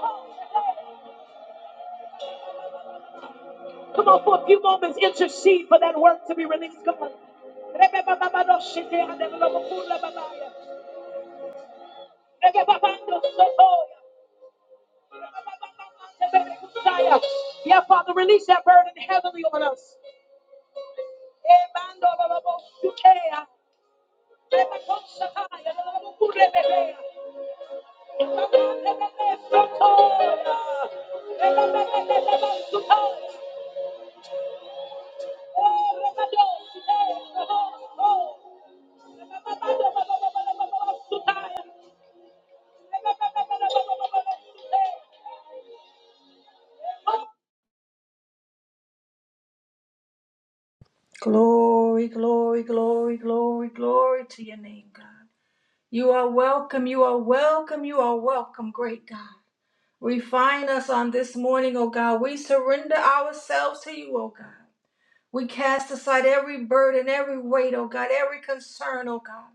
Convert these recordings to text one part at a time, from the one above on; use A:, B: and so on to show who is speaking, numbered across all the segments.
A: Come on, for a few moments, intercede for that work to be released. Come on. Yeah, Father, release that burden heavily on us. Oh, Thank you.
B: Glory, glory, glory, glory, glory to your name, God. You are welcome, you are welcome, you are welcome, great God. Refine us on this morning, O God. We surrender ourselves to you, O God. We cast aside every burden, every weight, O God, every concern, O God.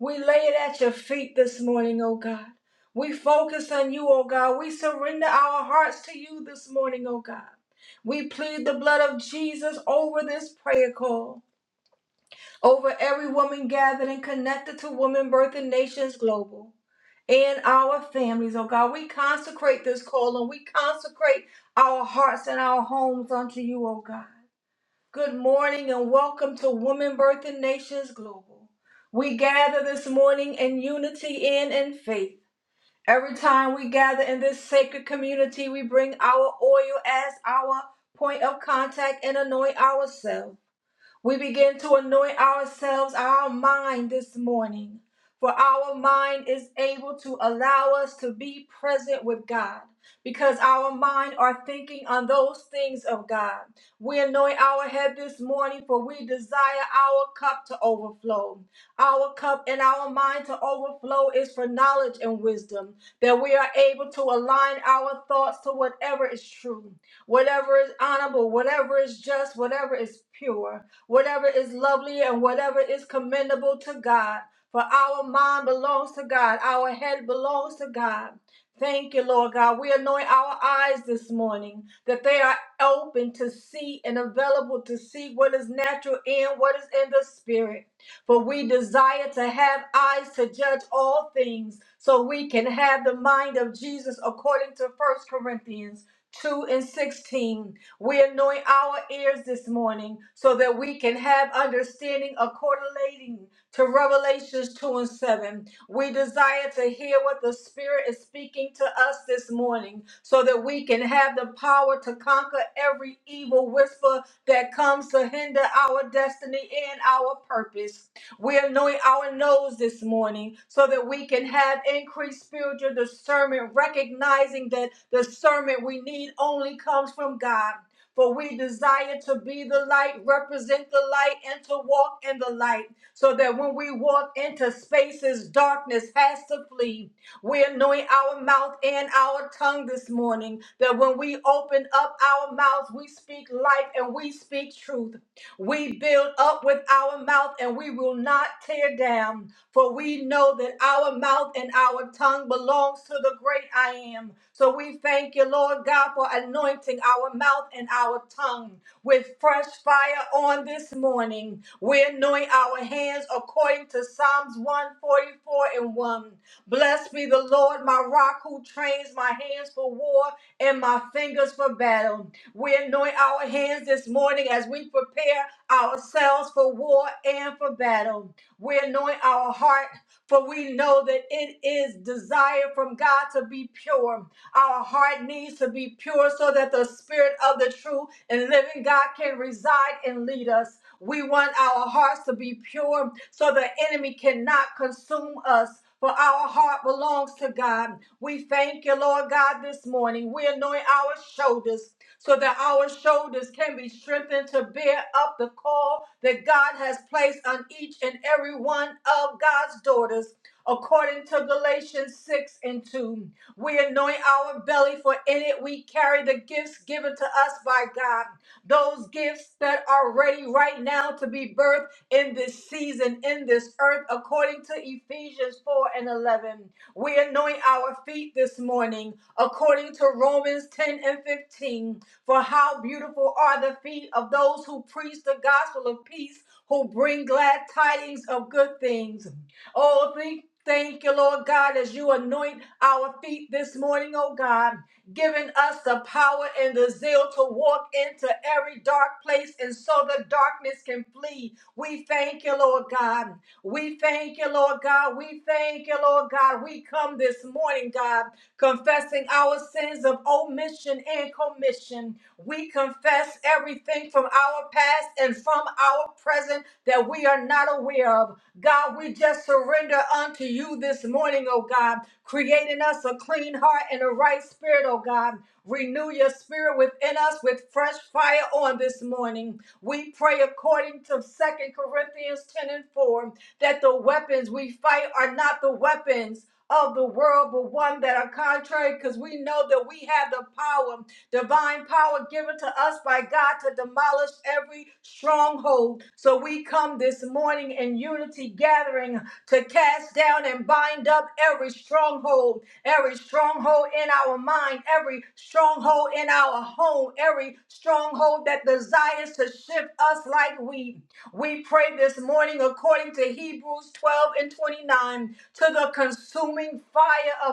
B: We lay it at your feet this morning, O God. We focus on you, O God. We surrender our hearts to you this morning, O God. We plead the blood of Jesus over this prayer call over every woman gathered and connected to Women Birthing Nations Global and our families, oh God. We consecrate this call and we consecrate our hearts and our homes unto you, oh God. Good morning and welcome to Women Birthing Nations Global. We gather this morning in unity and in faith. Every time we gather in this sacred community, we bring our oil as our point of contact and anoint ourselves. We begin to anoint ourselves, our mind this morning, for our mind is able to allow us to be present with God. Because our mind are thinking on those things of God. We anoint our head this morning for we desire our cup to overflow. Our cup and our mind to overflow is for knowledge and wisdom, that we are able to align our thoughts to whatever is true, whatever is honorable, whatever is just, whatever is pure whatever is lovely and whatever is commendable to God. For our mind belongs to God, our head belongs to God. Thank you, Lord God. We anoint our eyes this morning that they are open to see and available to see what is natural and what is in the spirit. For we desire to have eyes to judge all things so we can have the mind of Jesus according to First Corinthians 2 and 16. We anoint our ears this morning so that we can have understanding according to Revelations 2 and 7. We desire to hear what the Spirit is speaking to us this morning so that we can have the power to conquer every evil whisper that comes to hinder our destiny and our purpose. We anoint our nose this morning so that we can have increased spiritual discernment, recognizing that discernment we need only comes from God. For we desire to be the light, represent the light, and to walk in the light, so that when we walk into spaces, darkness has to flee. we anoint our mouth and our tongue this morning, that when we open up our mouths, we speak life and we speak truth. We build up with our mouth and we will not tear down. For we know that our mouth and our tongue belongs to the great I am. So we thank you, Lord God, for anointing our mouth and our tongue with fresh fire on this morning. We anoint our hands according to Psalms 144 and 1. Blessed be the Lord, my rock, who trains my hands for war and my fingers for battle. We anoint our hands this morning as we prepare ourselves for war and for battle. We anoint our heart, for we know that it is desire from God to be pure. Our heart needs to be pure so that the spirit of the true and living God can reside and lead us. We want our hearts to be pure so the enemy cannot consume us. For our heart belongs to God. We thank you, Lord God, this morning. We anoint our shoulders so that our shoulders can be strengthened to bear up the call that God has placed on each and every one of God's daughters. According to Galatians 6 and 2, we anoint our belly, for in it we carry the gifts given to us by God. Those gifts that are ready right now to be birthed in this season, in this earth, according to Ephesians 4 and 11. We anoint our feet this morning, according to Romans 10 and 15. For how beautiful are the feet of those who preach the gospel of peace, who bring glad tidings of good things. Oh, thank, thank you, Lord God, as you anoint our feet this morning, oh God, giving us the power and the zeal to walk into every dark place and so the darkness can flee. We thank you, Lord God. We thank you, Lord God. We thank you, Lord God. We come this morning, God, confessing our sins of omission and commission. We confess everything from our past and from our present that that we are not aware of. God, we just surrender unto you this morning, oh God, creating us a clean heart and a right spirit, oh God. Renew your spirit within us with fresh fire on this morning. We pray according to Second Corinthians 10 and 4 that the weapons we fight are not the weapons of the world, but one that are contrary, because we know that we have the power, divine power given to us by God to demolish every stronghold. So we come this morning in unity gathering to cast down and bind up every stronghold, every stronghold in our mind, every stronghold in our home, every stronghold that desires to shift us like we. We pray this morning according to Hebrews 12 and 29. 29 to the consuming fire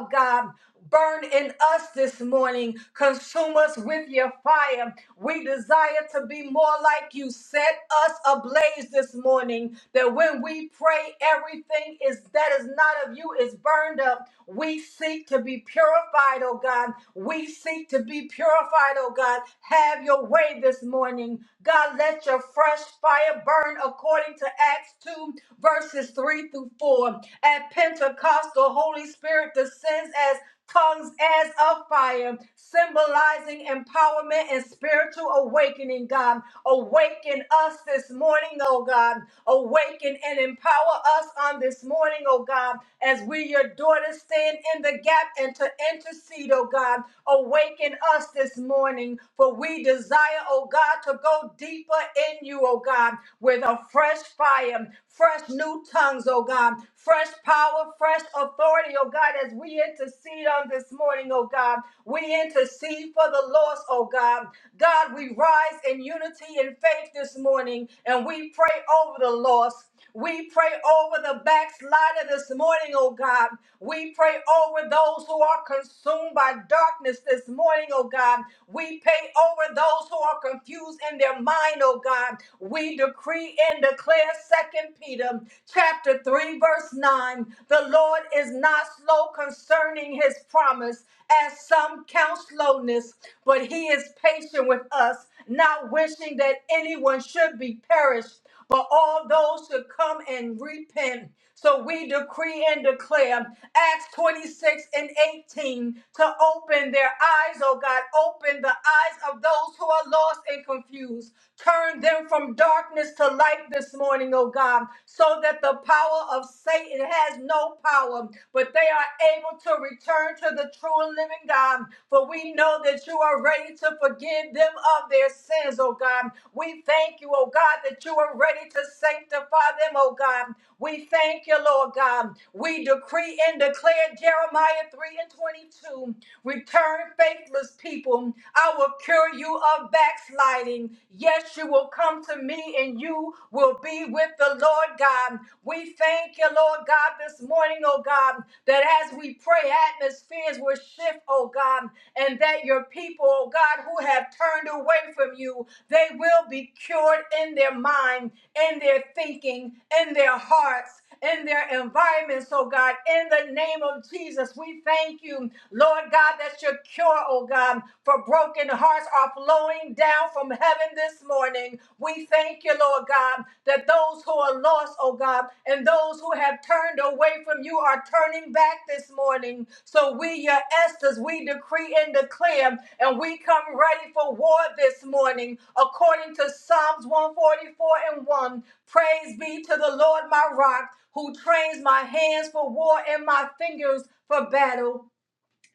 B: of God. Burn in us this morning. Consume us with your fire. We desire to be more like you. Set us ablaze this morning that when we pray, everything is that is not of you is burned up. We seek to be purified, oh God. We seek to be purified, oh God. Have your way this morning. God, let your fresh fire burn according to Acts 2 verses 3 through 4. At Pentecost, the Holy Spirit descends as tongues as of fire, symbolizing empowerment and spiritual awakening, God. Awaken us this morning, oh God. Awaken and empower us on this morning, oh God, as we, your daughters, stand in the gap and to intercede, oh God. Awaken us this morning, for we desire, oh God, to go deeper in you, oh God, with a fresh fire, fresh new tongues, oh God, fresh power, fresh authority, oh God, as we intercede on this morning, oh God. We intercede for the lost, oh God. God, we rise in unity and faith this morning and we pray over the lost. We pray over the backslider this morning, oh God. We pray over those who are consumed by darkness this morning, oh God. We pray over those who are confused in their mind, oh God. We decree and declare Second Peter chapter 3 verse 9 the Lord is not slow concerning his promise as some count slowness but he is patient with us not wishing that anyone should be perished but all those should come and repent. So we decree and declare Acts 26 and 18 to open their eyes, oh God, open the eyes of those who are lost and confused. Turn them from darkness to light this morning, oh God, so that the power of Satan has no power, but they are able to return to the true and living God. For we know know that you are ready to forgive them of their sins, oh God. We thank you, oh God, that you are ready to sanctify them, oh God. We thank you, Lord God. We decree and declare Jeremiah 3 and 22. Return faithless people. I will cure you of backsliding. Yes, you will come to me and you will be with the Lord God. We thank you, Lord Lord God, this morning, oh God, that as we pray, atmospheres will shift, oh God, and that your people, oh God, who have turned away from you, they will be cured in their mind, in their thinking, in their hearts. In their environments, oh God, in the name of Jesus, we thank you, Lord God, that your cure, oh God, for broken hearts are flowing down from heaven again this morning. We thank you, Lord God, that those who are lost, oh God, and those who have turned away from you are turning back this morning. So we, your Esther's, we decree and declare, and we come ready for war this morning, according to Psalms 144 and 1. Praise be to the Lord, my rock, who trains my hands for war and my fingers for battle.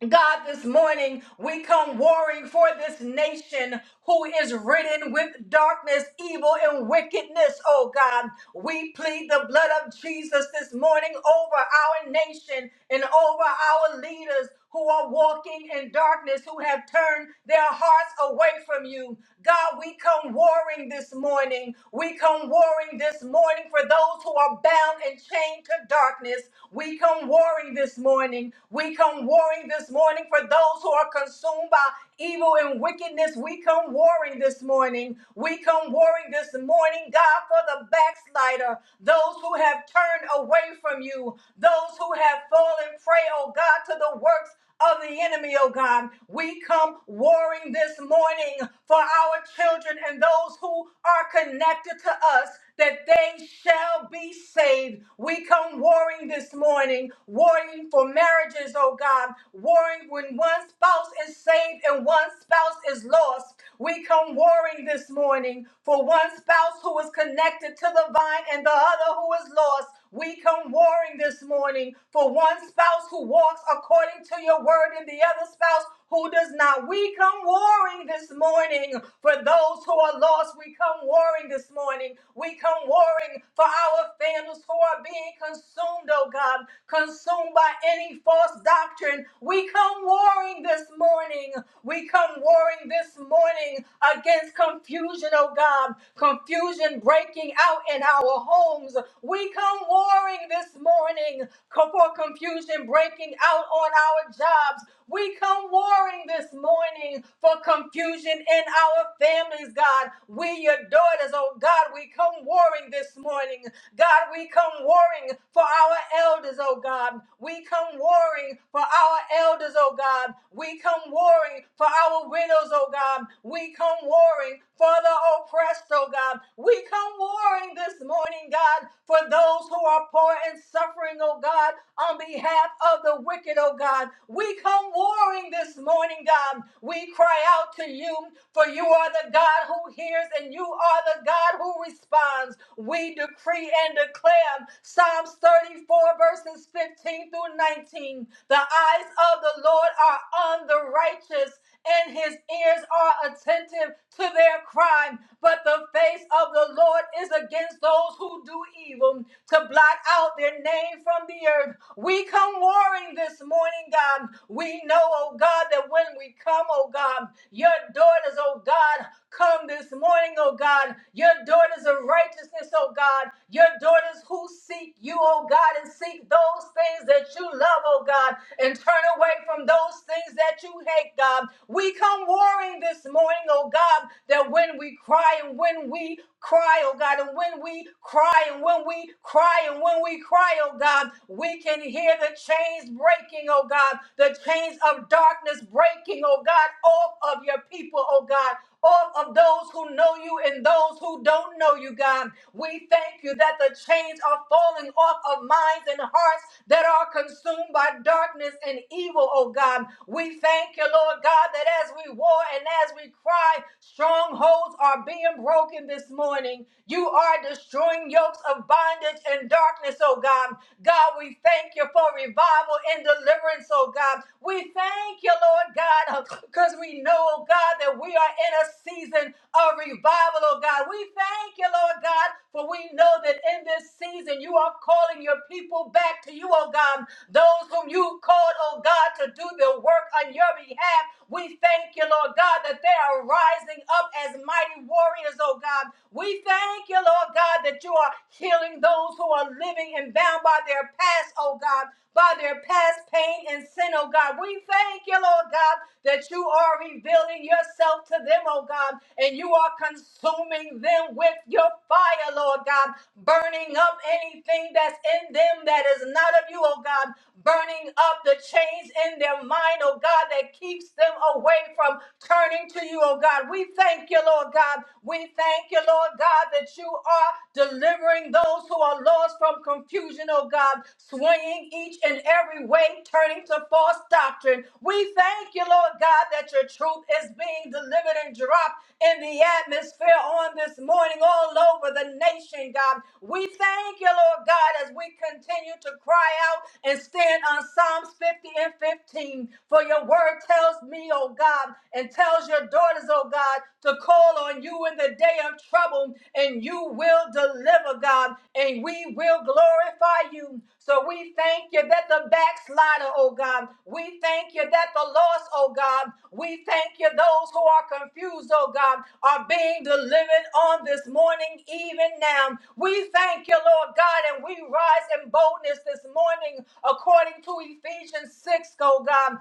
B: God, this morning we come warring for this nation who is ridden with darkness, evil, and wickedness, oh God. We plead the blood of Jesus this morning over our nation and over our leaders who are walking in darkness, who have turned their hearts away from you. God, we come warring this morning. We come warring this morning for those who are bound and chained to darkness. We come warring this morning. We come warring this morning for those who are consumed by evil and wickedness. We come warring this morning. We come warring this morning, God, for the backslider, those who have turned away from you, those who have fallen prey, oh God, to the works of the enemy, oh God. We come warring this morning for our children and those who are connected to us that they shall be saved. We come warring this morning, warring warring for marriages, oh God, warring when one spouse is saved and one spouse is lost. We come warring this morning for one spouse who is connected to the vine and the other who is lost. We come warring this morning for one spouse who walks according to your word and the other spouse who does not. We come warring this morning for those who are lost. We come warring this morning. We come warring for our families who are being consumed, oh God, consumed by any false doctrine. We come warring this morning. We come warring this morning against confusion, oh God, confusion breaking out in our homes. We come warring this morning co- for confusion breaking out on our jobs. We come warring this morning for confusion in our families, God. We, your daughters, oh God, we come warring this morning. God, we come warring warring for our elders, oh God. We come warring for our elders, oh God. We come warring for our widows, oh God. We come warring for the oppressed, oh God. We come warring this morning, God, for those who are poor and suffering, oh God, on behalf of the wicked, oh God. We come warring this morning, God. We cry out to you, for you are the God who hears and you are the God who responds. We decree and declare Psalms 34, verses 15 through 19. The eyes of the Lord are on the righteous, and his ears are attentive to their crime. But the face of the Lord is against those who do evil, to blot out their name from the earth. We come warring this morning, God. We know, oh God, that when we come, oh God, your daughters, oh God, come this morning, oh God. Your daughters of righteousness, oh God. Your daughters who seek you, oh God, and seek those things that you love, oh God, and turn away from those things that you hate, God. We come warring this morning, oh God, that when we cry and when we cry, oh God, and when we cry and when we cry and when we cry, oh God, we can hear the chains breaking, oh God, the chains of darkness breaking, oh God, off of your people, oh God all of those who know you and those who don't know you, God. We thank you that the chains are falling off of minds and hearts that are consumed by darkness and evil, oh God. We thank you, Lord God, that as we war and as we cry, strongholds are being broken this morning. You are destroying yokes of bondage and darkness, oh God. God, we thank you for revival and deliverance, oh God. We thank you, Lord God, because we know, oh God, God, that we are in a season of revival, oh God. We thank you, Lord God, for we know that in this season you are calling your people back to you, oh God. Those whom you called, oh God, to do the work on your behalf. We thank you, Lord God, that they are rising up as mighty warriors, oh God. We thank you, Lord God, that you are healing those who are living and bound by their past, oh God by their past pain and sin, oh God. We thank you, Lord God, that you are revealing yourself to them, oh God, and you are consuming them with your fire, Lord God, burning up anything that's in them that is not of you, oh God, burning up the chains in their mind, oh God, that keeps them away from turning to you, oh God. We thank you, Lord God. We thank you, Lord God, that you are delivering those who are lost from confusion, oh God, lying each and every way, turning to false doctrine. We thank you, Lord God, that your truth is being delivered and dropped in the atmosphere on this morning all over the nation, God. We thank you, Lord God, as we continue to cry out and stand on Psalms 50 and 15. For your word tells me, oh God, and tells your daughters, oh God, to call on you in the day of trouble, and you will deliver, God, and we will glorify you. So we thank you that the backslider, oh God, we thank you that the lost, oh God, we thank you those who are confused, oh God, are being delivered on this morning, even now. We thank you, Lord God, and we rise in boldness this morning according to Ephesians 6, oh God,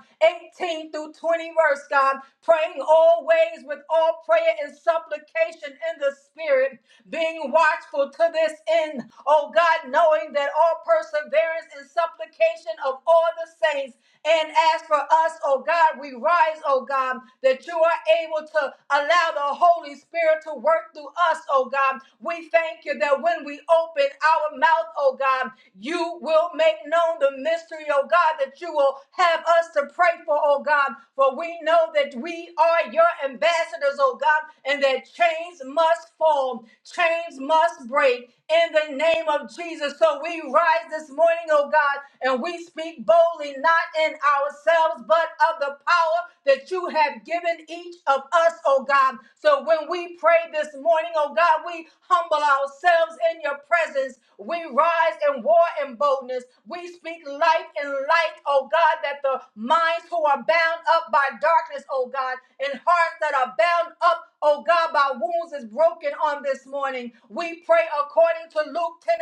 B: 18 through 20 verse, God, praying always with all prayer and supplication in the spirit, being watchful to this end, oh God, knowing that all perseverance and supplication of all the saints. And as for us, oh God, we rise, oh God, that you are able to allow the Holy Spirit to work through us, oh God. We thank you that when we open our mouth, oh God, you will make known the mystery, oh God, that you will have us to pray for, oh God. For we know that we are your ambassadors, oh God, and that chains must fall, chains must break, in the name of Jesus. So we rise this morning, oh God, and we speak boldly, not in ourselves, but of the power that you have given each of us, oh God. So when we pray this morning, oh God, we humble ourselves in your presence. We rise in war and boldness. We speak life and light, oh God, that the minds who are bound up by darkness, oh God, and hearts that are bound up oh God, by wounds is broken on this morning. We pray according to Luke 10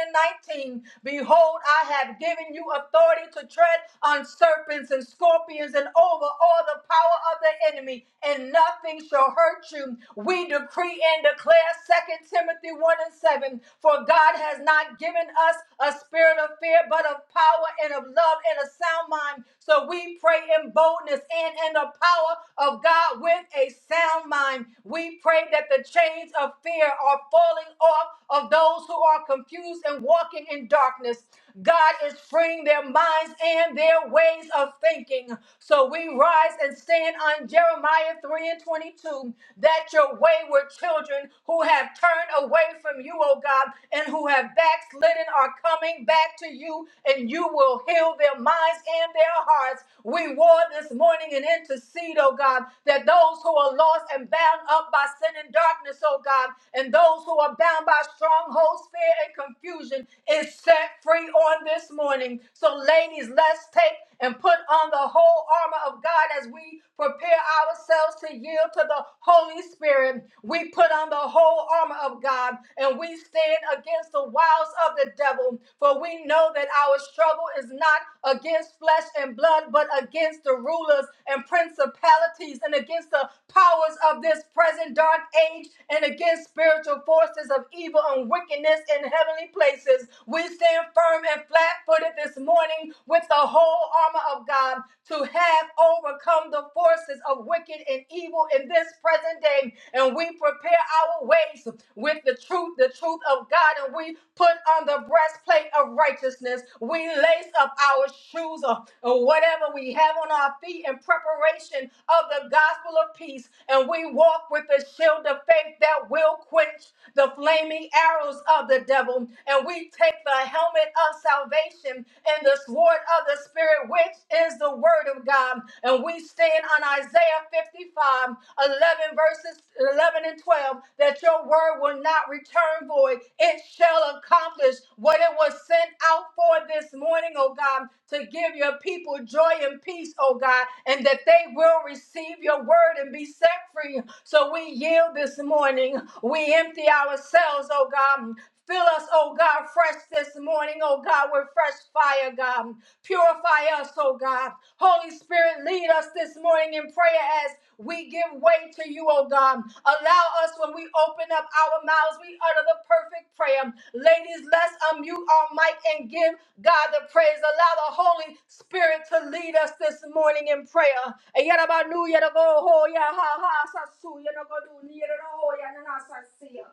B: and 19. Behold, I have given you authority to tread on serpents and scorpions and over all the power of the enemy, and nothing shall hurt you. We decree and declare Second Timothy 1 and 7 For God has not given us a spirit of fear, but of power and of love and a sound mind. So we pray in boldness and in the power of God with a sound mind. We pray that the chains of fear are falling off of those who are confused and walking in darkness. God is freeing their minds and their ways of thinking. So we rise and stand on Jeremiah 3 and 22 that your wayward children who have turned away from you, O God, and who have backslidden are coming coming back to you, and you will heal their minds and their hearts. We war this morning and intercede, oh God, that those who are lost and bound up by sin and darkness, oh God, and those who are bound by strongholds, fear, and confusion is set free on this morning. So, ladies, let's take and put on the whole armor of God as we prepare ourselves to yield to the Holy Spirit. We put on the whole armor of God, and we stand against the wiles of the devil. For we know that our struggle is not against flesh and blood, but against the rulers and principalities, and against the powers of this present dark age, and against spiritual forces of evil and wickedness in heavenly places. We stand firm and flat footed this morning with the whole armor of God to have overcome the forces of wicked and evil evil in this present day, and we prepare our ways with the truth, the truth of God, and we put on the breastplate of righteousness. We lace up our shoes uh, or whatever we have on our feet in preparation of the gospel of peace, and we walk with the shield of faith that will quench the flaming arrows of the devil, and we take the helmet of salvation and the sword of the spirit, which is is the word of God. And we stand on Isaiah 55, 11 verses 11 and 12, that your word will not return void. It shall accomplish what it was sent out for this morning, oh God, to give your people joy and peace, oh God, and that they will receive your word and be set free. So we yield this morning. We empty ourselves, oh God, Fill us, oh God, fresh this morning, oh God, with fresh fire, God. Purify us, oh God. Holy Spirit, lead us this morning in prayer as we give way to you, oh God. Allow us when we open up our mouths, we utter the perfect prayer. Ladies, let's unmute our mic and give God the praise. Allow the Holy Spirit to lead us this morning in prayer. Yarabanu, yaraboho, yahaha, sasu, yanagodu, yaraho, yananasasia.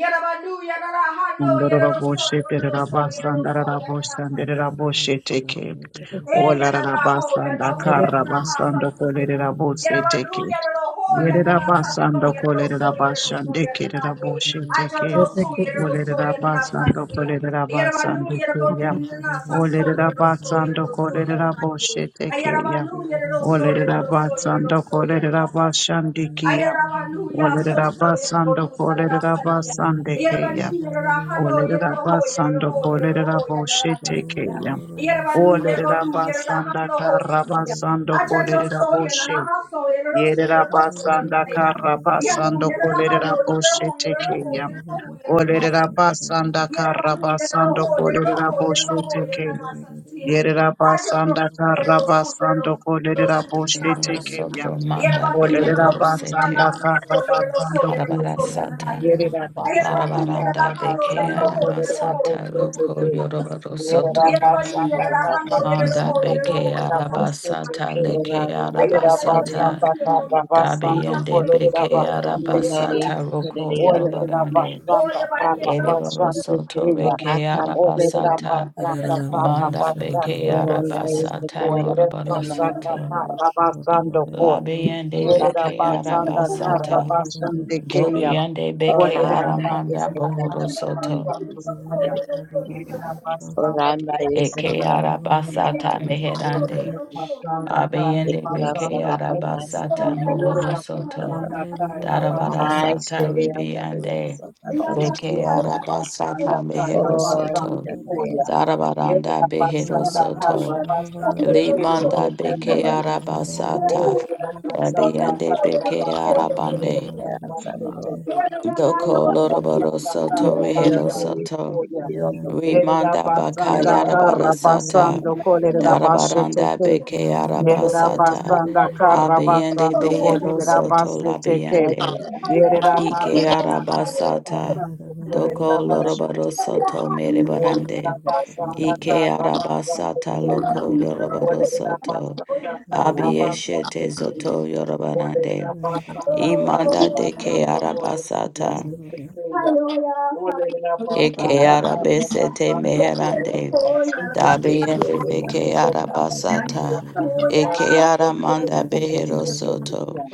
B: Yarabanu, Yarahano, Yarosol,
A: Andoraboshe
B: Yarosol,
A: Terabasa and
B: Yarosol,
A: Arabosha and
B: Yarosol,
C: Shibboleth.
A: Deraboshe take it. O
D: Okay.
B: Hey, ya na na ho,
A: Larabasa
B: ya
A: and
B: na hu, ya na
A: Akarabasa
B: ha sa
A: and
B: si. Ya
A: Dokolerabose
B: na na
A: take
B: lu, ya
A: it.
B: na na ho, ya na na sa
A: Yerabasa and
B: so, ya na na so, ya na na
A: Dokolerabasha and
B: so, ya na na ye.
A: Dekiraboshe
B: A
A: take
B: cho cho
A: it.
B: su, ya
A: O
B: na na so, ya na na
A: Lerabasa
B: sa
A: and
B: si. Ya na na
A: Dokolerabasa and
B: lu, ya na na
A: Dikia.
B: lu, na na
A: O
B: sa so, ya na so,
A: Lerabasa
B: ya
A: and
B: na so, ya na na ye.
A: Dokoleraboshe
B: A
A: take
B: ya na na
A: it.
B: lu, ya na
A: O
B: so, ya na so,
A: Lerabasa
B: ya na
A: and
B: so, ya na na sa
A: Dokolerabasha
B: si.
A: and
B: A ya
A: Dikia.
B: na na lu,
A: O
B: ya so so, ya na
A: Lerabasa and
B: na sa na na sa ni.
A: Dokolerabasa and
B: Ya na na
A: Dekia.
B: ni, ya na ha no, ya
A: Olerera
B: na ho, ya na
A: basanda
B: ho, ya na
A: kolerera
B: ho, ya na na sa si.
A: boshetekeya.
B: Yerabanu,
A: Olerera
B: Yerabadu,
A: basanda
B: Yerabahano,
A: she
B: Hosasia.
A: basando
B: Achacho
A: kolerera
B: Soya,
A: boshe.
B: Nanaha Soya, Rosu,
A: Yerera
B: Rosu,
A: basanda
B: Yanaya.
A: kara
B: Yanu,
A: basando
B: Yerabahano,
A: kolerera
B: Yerahu,
A: boshetekeya.
B: Yerahu, Yerahu,
A: Olerera basanda kara basando kolerera bosheteke. Yerera basanda kara basando kolerera
E: Libro
A: boshetekeya.
E: soto manda
A: Olerera
E: beribro
A: basanda
E: sete
A: kara basando
E: karabara sata
A: Yerera basanda
C: Russia,
E: darabaranda
A: karra
E: beke
A: basando
F: Oranda
A: kolerera
E: aramasata loko
A: boşeçete.
E: yorobaro
A: Yerera
E: soto
A: basanda karra
E: manda
A: basando
E: beke
A: kolerera
E: arabasata
A: boşeçete.
E: leke
A: Yerera
E: arabasata
A: basanda karra basando
E: dabeyende
A: kolerera
E: beke
A: basando.
E: arabasata roko
A: Ole Olerera
E: lorobarande
A: basanda karra
E: eribro
B: Thank you.
A: basande
E: soto
A: keya.
E: reke
A: Olerera
C: Shabba
E: arabasata
A: basanda karra
E: manda beke
A: basande keya.
E: arabasata
A: Olerera
E: morobaro
A: basanda
E: soto
A: karra basando kor.
E: labeyende
A: Yerera
E: beke
A: basanda karra
E: arabasata
A: basande
E: Dobi
A: keya.
E: yande beke
A: Olerera
F: is
E: aramanda
A: basanda
E: bohoro
A: karra
E: soto.
A: basando koya. Yerera basanda korra
E: Eke
A: basande keya.
E: arabasata meherande.
A: Olerera basanda karra
E: Abiyende beke
A: basando koya.
E: arabasata mohoro
A: Yerera
F: the
E: soto.
A: basanda karra basande
F: I
E: Darabarasata
A: keya.
F: study on the works
E: ribiyande.
F: of the Lord.
E: Beke arabasata
A: Yerabasanda
E: mehero
F: For
E: soto.
F: the
A: Karabasando Koya.
F: highest heaven,
E: Darabaranda behero
A: Yerabasanda
E: soto.
A: Karabasando
F: for who
E: Limanda
F: can the
E: beke
F: most
A: Kerabasando
C: Thank
E: arabasata.
A: Yerabasanda
E: Abiyende beke
A: Karabasando
E: arabande.
A: Kerabasando
E: Doko loroboro
A: Yerabasanda
E: soto rehero
A: Karabasando
E: soto.
A: Koya.
E: Rimanda baka
A: Yerabasanda
F: around our
E: yarabara
F: life,
E: sata,
A: Karabasando
E: darabaranda
A: Kolerabashete.
E: beke
F: number four, number
E: arabasata,
A: Yerabasanda
E: abiyende
A: Karabasando
E: behero soto
A: Kolerabasete.
F: like the
E: labiyende,
F: young Jack
A: Yerera
E: ike
A: basanda karra
E: arabasata,
A: basando kolerera
E: doko
F: Arama,
E: lorobaro
A: basete kei.
E: soto
A: Olerera
E: merebarande,
A: basanda
E: ike
A: karra basando
E: arabasata
A: kei.
E: loko yorobaro
A: Olerera
E: soto,
A: basanda karra
F: Araba,
A: basando
E: abiyeshete
A: kei.
E: zoto yorobarande,
A: Olerera basanda karra
E: imanda deke
A: basando kolerera
E: arabasata,
A: basete kei. Olerera
E: eke
A: basanda
F: Araba,
A: karra
E: arabesete
A: basando
E: meherande,
A: kolerera
C: Thank
A: basete
F: take
A: kei.
F: you in
C: you.
E: Dabiende peke
F: the
A: Olerera basanda
E: arabasata.
A: karra
E: Eke
A: basando
E: aramanda
A: kolerera
E: behero
A: basete
E: soto.
A: kei.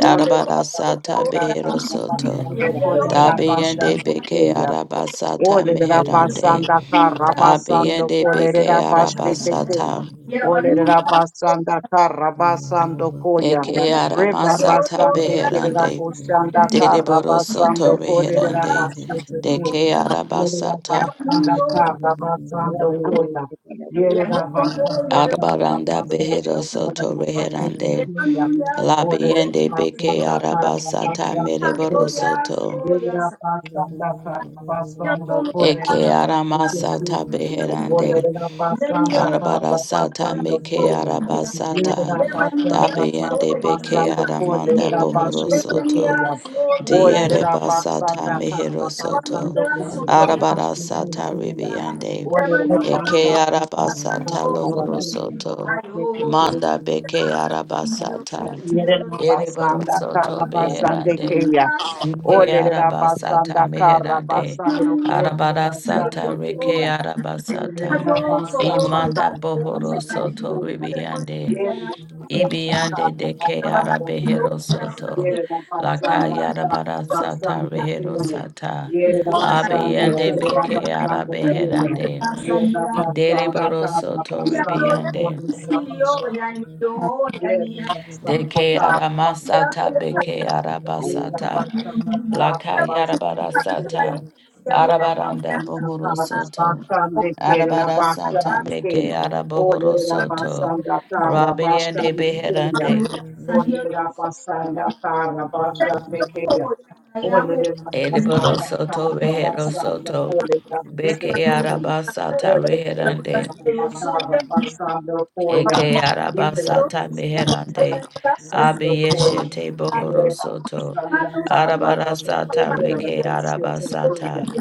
A: Order Orderera
E: sata
A: basanda
E: behero
A: karra
E: soto.
A: basando korerera
E: Dabiende
A: basande
E: beke
A: kuya.
E: arabasata
A: Olerera
E: meherande.
A: basanda kara basando
E: Abiende beke
A: kolerera basheteke.
E: arabasata.
B: Yeah,
A: Olerera basanda kara basando koya.
E: Eke
F: Araba,
A: Reba
E: aramasata
A: basande kerera
E: beherande.
A: basanda kara
E: Dereboro
A: basando
E: soto
A: kolerera
E: reherande.
A: basheteke.
E: Deke
A: Yerera
E: arabasata.
A: basanda kara basando
F: Araba,
A: koya.
F: Araba,
A: Yerera basanda kara
E: Arabaranda
A: basando
E: behero soto
A: kolerera
E: reherande.
A: basheteke ya. Olerera
E: Labiende beke
A: basanda
C: Thank
A: kara
E: arabasata
A: basando koya.
E: mereborosoto.
A: Yerera
B: Hallelujah.
A: basanda kara basando
E: Eke
A: korerera basete
E: aramasata
A: kenya.
E: beherande.
A: Olerera basanda kara
E: Arabarasata
A: basando
E: meke
A: koya. Yerera
E: arabasata.
A: basanda kara
E: Dabiende beke
A: basando
E: aramanda
A: korerera basete
E: bohorosoto.
A: kenya.
E: Diere
A: Olerera
E: basata
A: basanda kara basando
E: meherosoto.
A: korerera basete
E: Arabarasata
A: kenya.
E: ribiande.
A: Olerera
E: Eke
A: basanda kara
E: arabasata
A: basando korerera
E: lohorosoto.
A: basete kenya.
E: Manda beke arabasata.
A: Yererabasanda
E: Ereborosoto
A: karabasande
E: beherande.
A: keya.
E: Ike arabasata
A: Olererabasanda
E: meherande.
A: karabasando korebasande
E: Arabarasata reke
C: you.
A: keya.
E: arabasata.
C: Thank
A: Yererabasanda
E: Imanda bohoro
A: karabasando
E: soto
A: keya.
E: ribiande.
A: Yererabasanda
E: Ibiande de ke
A: karabasando keya.
E: arabehero soto. Laka
A: Yererabasanda
E: yarabarasata
A: karabasando
E: rehero
A: keya.
E: sata.
A: Yererabasande
E: Abeyande beke
A: kererabasando keya.
E: arabeherande.
A: Yererabasanda
E: Dereboro soto
A: karabasando
E: ribiande.
A: korebasande keya. Yes, Basam
E: De ke
A: Bata, Basam
E: aramasata beke
A: Bata, Yes,
E: arabasata.
A: Basam Bata,
E: Laka
A: Basam
E: yarabara
A: Bata,
E: sata
B: Thank you.
A: Nira
E: arabaranda
A: Basam
E: bohoro
A: Bata,
E: soto
A: Basam Bata, Nira
E: arabara sata
A: Basam Bata,
E: meke
A: O
E: arabohoro
A: Nira
E: soto
A: Basam Bata,
E: rabiende
A: Basam Bata,
E: beherande
C: you.
A: Olera
C: Thank
A: basanda
C: you.
A: karna başande keya. Olera
E: ediboro
A: basanda
E: soto
A: karna
E: rehero
A: basanda
E: soto
A: kolera
E: beke
A: basete kum.
E: arabasata
A: Olera
E: reherande
A: basanda karna basanda koya.
E: Eke
A: Olera
E: arabasata
A: basanda karna
E: meherande.
A: basanda koya.
E: Abiyeshete bohoro
A: Olera
E: soto.
A: basanda karna basanda
E: Arabarasata
A: kolera
F: I'm
E: reke
A: basete keya.
E: arabasata.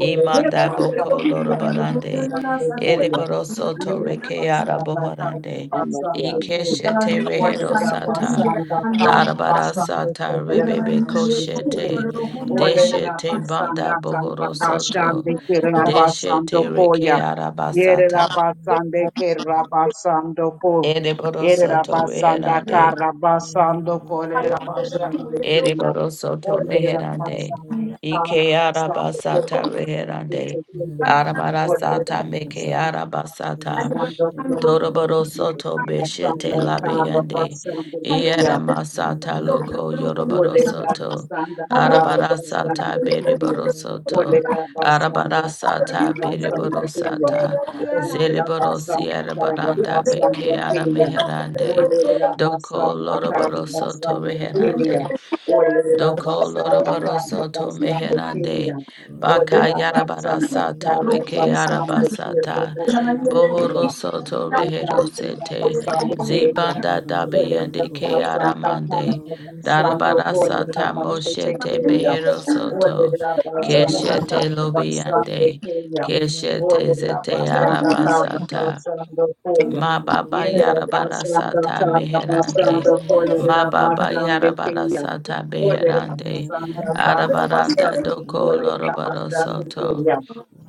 A: Olera
E: boko
A: basanda karna
E: lorobarande.
A: basanda koya.
E: Ereboro soto reke
A: Yerabasanda
E: araboharande. Ikeshete rehero sata.
A: Karabasando
E: Darabarasata rebebe koshete. Deshete banda bohoro soto. Deshete reke
C: Thank
E: arabasata. Ereboro soto reherande.
A: Kolera Bashandekuya.
E: Ereboro soto
A: Order of
E: meherande.
A: Masada,
E: Ike
A: Masada,
E: arabasata reherande.
A: Order Order
E: Arabarasata
A: of
E: meke
A: Masada,
E: arabasata.
A: Sandra Kuya,
E: Doroboro soto
A: Yanda
E: beshete
A: Sandra Tava
E: labiende. Iere
A: Basandra
E: masata
B: Thank
E: loco
B: you.
E: yoroboro
A: Olera
E: soto.
A: basanda
B: Thank
A: kara
E: Arabara sata
A: basanda kuya.
E: beriboro soto.
A: Olera basanda
E: Arabara
A: kara
E: sata
A: basanda
E: beriboro
A: kuya.
E: sata.
A: Olera
E: Zereboro
A: basanda
E: sierra
A: kara
E: baranda
A: basanda
E: beke ara
A: kuya.
E: meherande.
A: Olera
E: Doko
A: basanda kara
E: loroboro soto
A: basanda
E: reherande.
A: kuya.
C: you.
A: Olera
E: Doko
A: basanda
C: Rosha,
E: loroboro
A: kara
E: soto
A: basanda kuya.
E: meherande. Baka
A: Olera
E: yarabara
A: basanda
E: sata
A: kara
E: reke
A: basanda kuya. Olera
E: arabasata.
A: basanda kara kuya.
E: Bohoro soto
A: Thank
E: rehero sete. Zibanda dabiende ke aramande. Darabara sata moshete behero soto. Keshete lobiande. Keshete zete arabasata.
A: you.
E: Ma baba
A: Yerera
E: yara bara
A: basanda
E: sata
A: tarra
E: meherande.
A: basanda
E: Ma
A: kolerera
E: baba
A: basanda
E: yara bara
A: keya.
E: sata
A: Olerera
E: beherande.
A: basanda tarra
E: Arabaranda
A: basanda
E: doko
A: kolerera
E: lorobaro
A: basanda
E: soto.
A: keya.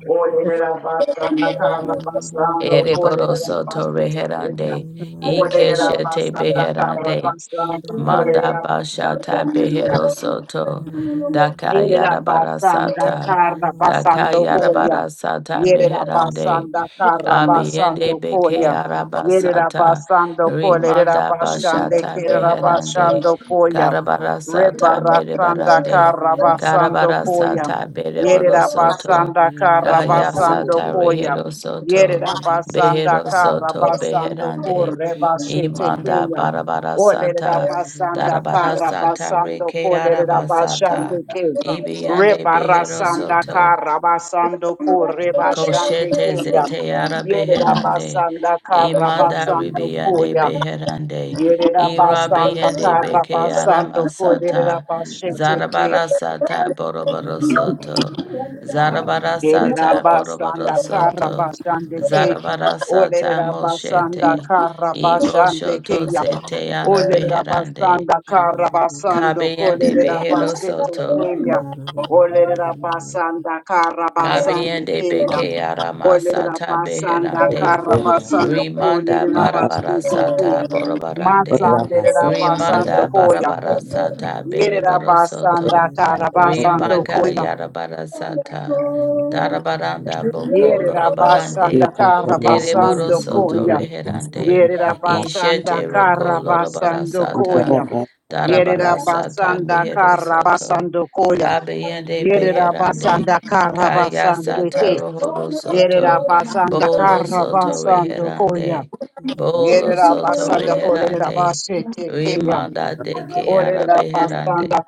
A: Olerera basanda tarra basanda
E: Ereboro
A: kolerera
E: soto
A: basanda keya.
C: Thank
E: reherande.
C: you.
E: Ike
A: Olerera
E: shete
A: basanda tarra
E: beherande.
A: basanda
E: Manda
A: kolerera basanda
E: bashata
A: keya.
E: behero soto. Daka yara
A: Yerera
E: bara
A: basanda
E: sata.
A: karra
E: Daka
A: basando
E: yara
A: koya.
E: bara sata
A: Yerera
E: meherande.
A: basanda karra
E: Abiende
A: basando
E: beke
A: koya. Yerera
E: arabasata
A: basando kolerera
E: rimanda
A: basande
E: bashata
A: kerera
E: beherande
A: basando koya.
E: karabarasata
A: Rebara sanda
E: merebarande
A: karra basando koya.
E: karabarasata
A: Yerera
E: bereborosoto
A: basanda karra basando
E: kayasata
A: koya.
E: reherosoto
A: Yerera basanda karra
E: beherosoto
A: basando
E: beherande
A: kore
E: imanda
A: basete Olerera
E: barabarasata
A: basanda kara
E: darabarasata
A: basando
E: reke
A: kolerera basande
E: arabasata
A: ke.
E: ibiande
A: Rebara
C: Thank
A: sanda
E: beherosoto
A: kara basando ko reba shande
E: Koshete
A: ke ya.
E: zete ara
A: Yerera
E: beherande.
A: basanda kara
E: Imanda
A: basando ko
E: ribiande
A: ya.
E: beherande.
A: Yerera basanda
E: Irabiande
A: kara
E: beke ara
A: basando kolerera
E: masata.
A: basete ke.
E: Zarabara sata boroboro soto. Zarabara
A: Yerera
E: sata boroboro
A: basanda kara
E: soto.
A: basande ke.
E: Zarabara
C: you.
E: sata
A: Olerera basanda
E: moshete.
A: kara
E: Ibo
A: basande ke
E: shoto
A: ya.
E: zete ara
A: Olerera
E: beherande.
A: basanda kara basando
E: Kabiande
A: kolerera
E: behero
A: basete
E: soto.
A: ke ya. Olerera basanda kara basande
E: Kabiande
A: ke ya.
E: beke ara
A: Olerera
E: masata
A: basanda
G: Thank
E: beherande.
A: kara
G: you.
A: basando
E: Rimanda
A: kolerera
E: barabara
A: basete ke.
E: sata borobarande.
A: Matsanderera
C: Thank
A: basando
E: Rimanda
A: koya.
E: barabara sata
A: Yerera
E: beriboro
A: basanda
E: soto.
A: kara basando
E: Rimaka
A: koya.
E: yarabara sata. Darabaranda boko
A: Yere
E: lorobarande.
A: rabasanda
E: Deriboro
A: karabasando
E: soto
A: koya.
E: reherande.
A: Yere rabasanda
E: Ishete roko lorobara
A: karabasando
E: sata.
A: koya. Yere
E: Darabara sata
A: rabasanda
E: mehero soto.
A: karabasando koya.
E: Kabeyende
A: Yere
E: beherande.
A: rabasanda
E: Kaya
A: karabasande
E: sata
A: ke.
E: lohoro
A: Yere
E: soto.
A: rabasanda
E: Bolo soto
A: karabasando koya.
E: reherande.
A: Yere
E: Bolo soto
A: rabasanda kolere
E: reherande.
A: rabasete keya.
E: Rimanda de ke
A: Olere
E: ara
A: rabasanda
E: beherande.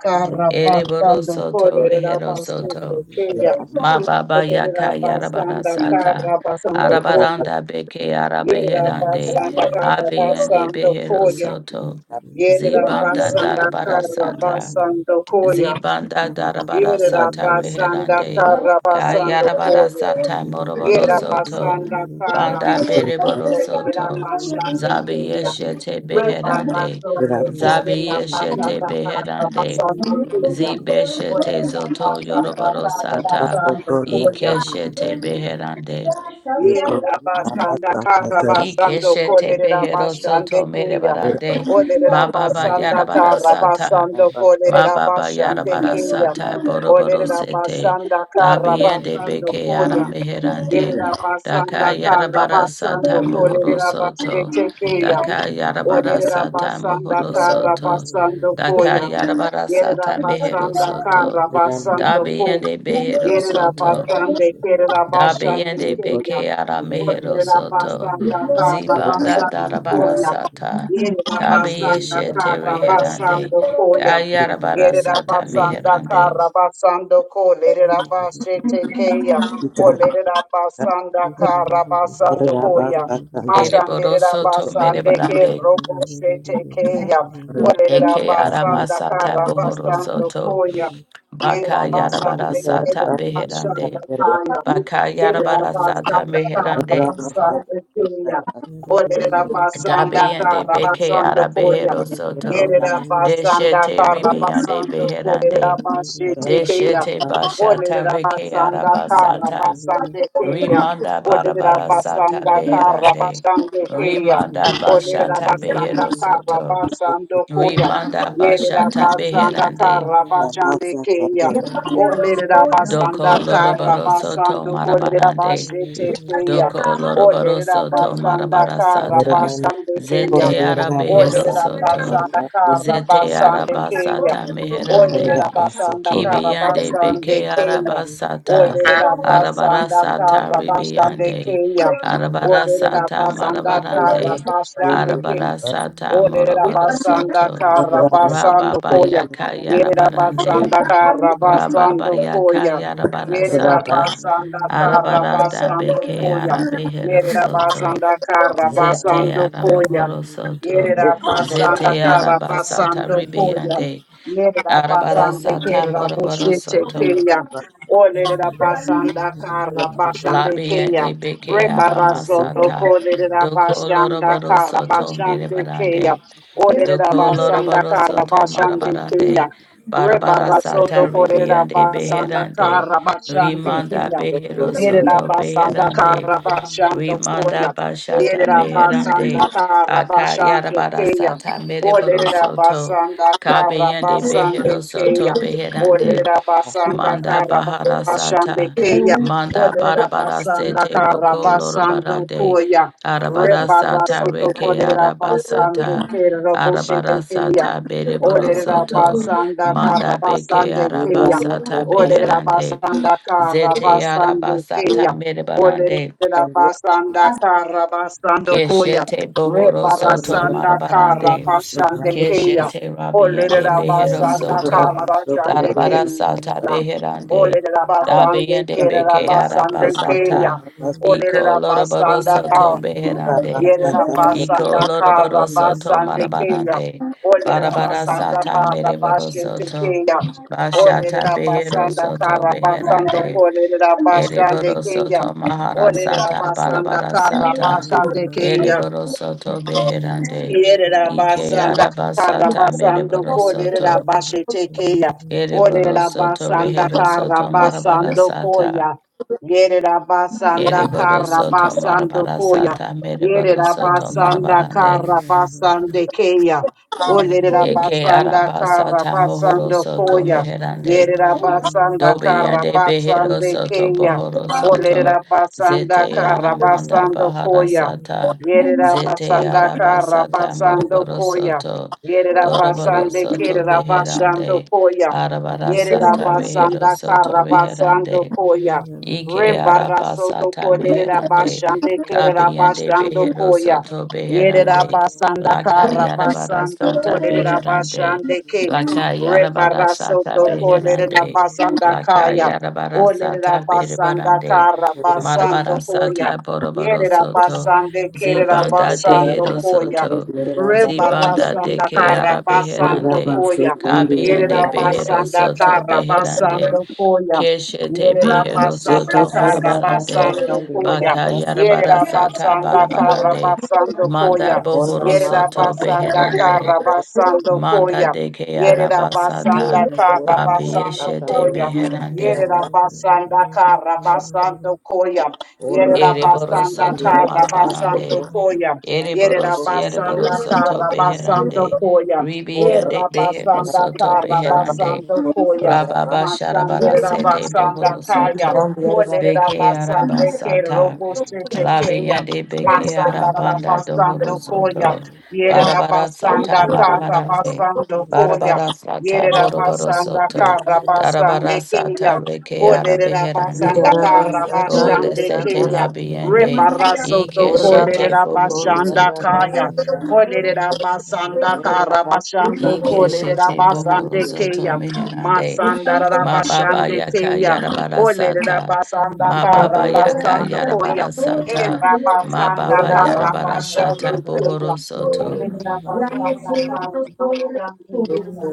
E: Ereboro
A: karabasando
E: soto
A: kolere
E: rehero
A: rabasete
E: soto.
A: keya.
C: you.
E: Ma baba
A: Yerera
E: yaka
C: Thank
E: yarabara
A: basanda
E: sata.
A: kara basando koya.
E: Arabaranda beke ara
A: Yerera
E: beherande.
A: basanda kara
E: Abiyende
A: basando
E: behero
A: koya.
E: soto.
A: Yerera
E: Zibanda
A: basanda
E: darabara
A: kara
E: sata.
A: basando koya.
E: Zibanda darabara
A: Yerera
E: sata
A: basanda
E: reherande.
A: kara basando
E: Kayarabara
A: koya.
E: sata moroboro
A: Yerera
E: soto.
A: basanda kara
E: Banda
A: basando
E: bereboro
A: koya. Yerera
E: soto.
A: basanda
E: Zabi
A: koya.
E: yeshete
A: Rebana
E: beherande.
A: soko koya.
E: Zabi
A: la Basanda
E: yeshete
A: kara
E: beherande.
A: basando koya.
E: Zibeshete
A: Yerera
E: zoto
A: basanda
E: yoroboro
A: kara
E: sata.
A: basando koya.
E: Ikeshete beherande.
A: Yerabasanda Karabasando
E: Ikeshete behero soto
A: Kolerabashandekeya.
E: merebarande. Mababa
A: Olerabasanda
E: yarabara sata.
C: you.
A: Karabasando
E: Ma baba
C: Thank you.
E: yara bara
A: Kolerabashandekeya.
E: sata boro boro sete.
A: Olerabasanda
E: Da biende
A: Karabasando
E: beke yara
A: Koya.
E: meherande. Da ka
A: Yerabasanda
E: yara bara
A: Karabasando
E: sata mohoro soto. Da
A: Kolerabashetekeya.
E: ka yara bara sata
A: Olerabasanda
E: mohoro soto.
A: Karabasando
E: Da ka
A: Koya.
E: yara bara sata mehero
A: Yerabasanda
E: soto. Da
A: Karabasando Koya.
E: biende behero soto.
A: Yerabasande Kerabashande
E: Dabiende
A: Kenya.
E: beke ara mehero soto.
A: Orabasanda
E: Zibanda
A: Karabasande
E: darabara
A: Koya.
E: sata.
A: Yerabasanda
E: Kabiyeshe tereherande.
A: basando Koya.
E: Kayarabara sata
G: Thank
A: Yerabasanda
E: meherande.
A: basando Ko. Lerabasete Kenya. Olerabasanda
C: Thank
A: basando Koya.
E: Ereboro soto
A: Mashanderabasande Ke
E: merebarande.
A: Robo Sete Kenya.
E: Eke ara
A: Olerabasanda
E: masata bohoro
A: basando
E: soto.
A: Koya. Yerera
E: Baka yarabara
A: basanda
E: sata beherande. Baka yarabara sata meherande. Dabiende beke ara behero soto. Deshete ribiande
A: karabasando
E: beherande.
A: korera basete keya.
E: Deshete bashata
A: Olerera
E: reke
A: basanda kara
E: arabasata.
A: basande teya.
E: Rimanda
A: Olerera
E: barabara sata
A: basanda kara
E: beherande.
A: basande teya.
E: Rimanda
A: Olerera
E: bashata
A: basanda
E: behero
C: you.
A: kara
E: soto.
A: basando koya.
E: Rimanda
C: Thank
A: Yerera
E: bashata
A: basanda
E: beherande.
A: kara basande keya. Olerera
B: you.
A: basanda
E: Doko
A: kara
E: lorobaro soto
A: basando kolerera
E: marabarande.
A: basete teya.
E: Doko lorobaro
A: Olerera
E: soto
A: basanda
E: marabara
A: kara
E: sata.
A: basande keya.
E: Zete ara behero
A: Olerera
E: soto.
A: basanda kara
E: Zete ara
A: basande keya.
E: basata meherande.
A: Olerera basanda kara
E: Kibiande
A: basande
E: beke
A: keya.
E: arabasata,
A: Olerera basanda kara
E: arabarasata
A: basande
E: ribiande,
A: keya. Olerera
E: arabarasata
A: basanda kara
E: marabarande,
A: basande keya.
E: arabarasata
A: Olerera basanda
E: morobarosoto,
A: kara basando koya.
E: rababayaka
G: you.
A: Yerera
E: yarabarande,
A: basanda kara
C: you.
A: basando
E: rababayaka
A: koya.
C: Russia,
G: Thank
A: Yerera
E: yarabarasata,
A: basanda kara
E: arabaranda
A: basando
E: beke
A: koya. Yerera
E: arabeherosoto,
A: basanda kara
E: zete
A: basando koya.
E: aramohorosoto,
A: Yerera
E: zete
A: basanda kara
E: arabasata
A: basando koya.
E: ribiande,
A: Yerera
E: Arabara
A: basande
E: sata
A: kera
E: moroboro
A: boshete
E: soto.
A: keya. Olerera basanda kara basande keya.
E: Labiende beke
A: Rebara soto
E: aramasata.
A: kolerera
E: Doko
A: basanda
E: loroboro
A: kara
E: soto
A: basande keya.
E: merebarande.
A: Olerera
E: Doko
A: basanda
E: loroboro
A: kara
E: soto
A: basande keya.
E: marabarande. Barabara
A: Rebara soto
E: sata
A: kolerera
E: ribiende
A: basanda
E: beherande.
A: kara basande
E: Rimanda
A: keya.
E: behero
A: Yerera
E: soto
A: basanda
E: beherande.
A: kara bashando koya.
E: Rimanda bashata
A: Yerera basanda
E: beherande.
A: kara
E: Aka
A: bashando
E: yarabara
A: keya.
E: sata mereboro
A: Olerera
E: soto.
A: basanda kara
E: Kabeyende
A: basande
E: behero
A: keya.
E: soto beherande.
A: Olerera basanda
E: Manda
A: kara
E: bahara
A: bashande
E: sata,
A: keya.
E: manda
A: Olerera
E: barabara
A: basanda
E: sete
A: kara
E: roko
A: basando
E: lorobarande,
A: koya.
E: arabara
A: Rebara
E: sata
A: soto
E: reke
A: olerera basande
E: arabasata,
A: kera boshete
E: arabara
A: keya.
E: sata bereboro
A: Orera
E: soto,
A: basanda kara
E: manda beke
A: basande keya.
E: arabasata
A: Orera
E: beherande,
A: basanda kara
E: zete
A: basande
E: arabasata
A: keya.
E: merebarande,
A: Orera basanda kara basando koya.
E: keshete
C: Russia.
E: bohoro
A: Rebara
E: soto
A: sanda
E: marabarande.
A: kara basande keya.
E: Keshete Rabiende
A: Orera
E: Behero
A: basanda
E: Soto,
A: kara basande
E: Darabara Sata
A: keya.
E: Beherande,
A: Orera basande
E: Rabiende
A: kera
E: Beke
A: basande keya.
E: Arabasata, Eco
A: Orera
E: Loroboro
A: basanda
E: Soto
A: kara.
E: Beherande,
A: Yerera
E: Eco
A: basanda
G: you.
E: Loroboro
A: kara
E: Soto
A: basande keya.
E: Marabarande,
A: Olerera
E: Barabara
A: basanda
E: Sata
A: kara
E: Mereboro
A: basande
E: Soto,
A: keya.
E: Bashata
A: Olerera
E: Behero
A: basanda
E: Soto
A: kara basando
E: Beherande,
A: kolerera basande
E: Ereboro
A: keya.
E: soto mahara
A: Olerera
E: sata
G: Ora
A: basanda
E: barabara
A: kara
E: sata.
A: basande keya.
E: Ereboro soto beherande.
A: Yerera
E: Ike
A: basanda
E: araba
A: kara
E: sata
A: basando
C: It
E: mereboro
A: korera
E: soto.
C: is
A: bashetekeya.
E: Ereboro
A: Orera
E: soto
A: basanda
E: rehero
A: kara
E: soto marabara
A: basando
E: sata.
A: koya. Yerera basanda
E: Ereboro soto
A: karabasando
E: marabara
A: koya.
E: sata mereboro
A: Yerera
E: soto
A: basanda
E: marabarande.
A: karabasande keya. Orera
E: Eke
A: basanda
E: araba sata mohoro
A: karabasando
E: soto
A: koya.
E: meherande.
A: Yerera basanda
E: Dobe yande behero
A: karabasande
E: soto
A: keya.
E: bohoro soto
A: Orera
E: zete
A: basanda
E: aramanda
A: karabasando
E: bahara
A: koya.
E: sata
A: Yerera
E: zete
A: basanda kara
E: arabasata
A: basando
E: moroboro
A: koya.
E: soto
A: Yerera
E: doroboro
A: basande
E: soto
A: kerera basando
E: beherande
A: koya.
E: arabara
A: Yerera
E: sata rehero
A: basanda
E: soto
A: kara
E: Reherande
A: basando koya.
E: Ike
A: Rebara
C: Russia,
A: soto
E: arabasata
A: kolerera
C: Thank you.
E: meherande.
A: basande kerera
E: Kabiyende
A: basando
E: behero
A: koya.
E: soto
A: Yerera
E: beherande.
A: basanda
E: Laka
A: kara basando
E: yarabarasata
B: Thank
A: kolerera
E: beherande.
A: basande ke.
E: Laka
A: Rebarasoto
E: yarabarasata
A: Kolerera
E: beherande.
A: Basanda
E: Laka
A: Kaya. Olerera
E: yarabarasata
A: Basanda
E: berebarande.
A: Kara Basando Koya.
E: Marabarasata boroboro
A: Yerera
E: soto.
A: Basande Kerera
E: Zibanda
A: Basando
E: dehero
A: Koya.
E: soto. Zibanda
A: Rebarasanda
E: deke
A: Karabasando
E: arabeherande.
A: Koya.
E: Kabiyende behero
A: Yerabasanda
E: soto beherande.
A: Karabasando Koya.
E: Keshete behero
A: Yerabasanda
E: soto marabarande.
A: Karabasando Koya.
E: Baka yarabara sata
A: Yerabasanda
E: barabarande.
A: Karabasando Koya.
E: Manda bohoro soto
A: Yerabasanda
E: beherande.
A: Karabasando
E: Manda
A: Koya.
E: de ke
A: Yerabasanda
E: arabasata.
A: Karabasando
E: Abiyeshete
A: Koya.
C: Thank you.
A: Yere
E: beherande.
A: da basanda Yerabasanda basando Koya. Yere da
E: Ereboro
A: basanda
E: soto
A: Yerabasanda basando
E: marabarande.
A: Koya. Yere
E: Ereboro
A: da
E: siereboro
A: basanda
E: soto
A: Yerabasanda basando
E: beherande.
A: Koya. Era
E: Ribiyande behero
A: basanda
E: soto
A: Erabasanda
E: beherande.
A: basando Koya.
E: Rababa
A: Masandere da
E: sharabarasete
A: basanda
E: bohoro
A: Kaya.
E: soto.
G: Ora
E: Beke
A: Olerabasande Ke
E: arabasata.
A: Robustete Kaya.
E: Labiende beke arabanda dohoro
A: basando Koya.
E: soto.
A: Yere da
E: Barabara sata
A: basanda Yerabasanda
E: marabarande.
A: basando Koya.
E: Barabara sata
A: Yerera
E: boroboro
A: basanda
E: soto.
A: kara basande
E: Darabara
A: keya.
E: sata reke
A: Olerera
E: arabeherande.
A: basanda kara
E: Ole
A: basande
E: sete
A: keya.
E: labiende.
A: Rebara soto
E: Ike shete
A: kolerera
E: bohoro
A: basanda
C: Thank
E: soto.
A: kaya.
C: you.
A: Olerera basanda kara basando
E: Ike
A: kolerera
E: shete bohoro
A: basande
E: soto
A: keya.
E: meherande.
A: Masanda rara
E: Ma baba
A: basande
E: yaka
A: keya.
E: yara bara
A: Olerera
E: sata.
A: basanda
E: Ma
A: kara
E: baba yaka
A: basando
E: yara
A: koya.
E: bara sata.
A: Era
E: Ma
A: basanda
E: baba yara
A: kara
E: bara sata
A: basande
B: you.
A: keya.
E: bohoro soto.
A: Olerera basanda kara basande keya.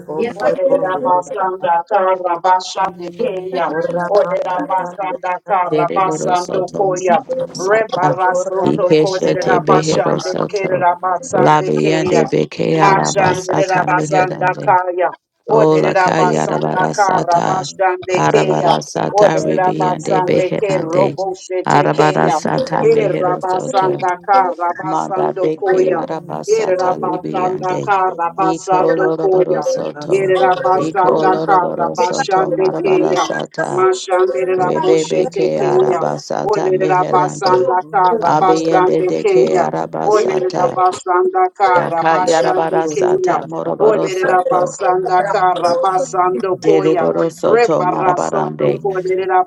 A: Orera basanda kara basande keya. Orera basanda kara
E: Dereboro
A: basando
E: soto
A: koya.
E: marabara sata.
A: Rebarasoto korera
E: Ikeshete behero
A: basande
E: soto.
A: kera basande keya.
E: Labiende beke araba
A: Mashandera
E: sata
A: basanda
E: meherande.
A: kaya.
C: Thank
E: Ola
A: Orera
E: ka yada
A: basanda
E: bara
A: kara
E: sata.
A: basande keya.
E: Arabara sata
A: Orera
E: ribiende
A: basande ke
E: beherande.
A: robo shete
E: Arabara
A: keya.
E: sata
A: Era
E: mehero soto.
A: basanda kara
E: Manda
A: basando
E: beke
A: koya.
E: arabasa
A: Era
E: talibi
A: basanda
E: ande.
A: kara
E: Iko
A: basando
E: loroboro
A: koya.
E: soto.
A: Yerera
E: Iko
A: basanda kara
E: loroboro soto
A: bashande
E: marabara
A: keya.
E: sata.
A: Mashandera
E: Rebe
A: boshete
E: beke
A: keya.
E: arabasata
A: Olerera
E: meherande.
A: basanda kara bashande
E: Abiyende deke
A: keya. Olerera
E: arabasata.
A: basanda kara
E: Daka
A: bashande
E: yarabara
A: keya.
E: sata moroboro
A: Olerera
E: soto.
A: basanda kara basando koya.
E: Deriboro soto
A: Rebaraso to
E: marabarande.
A: kolerera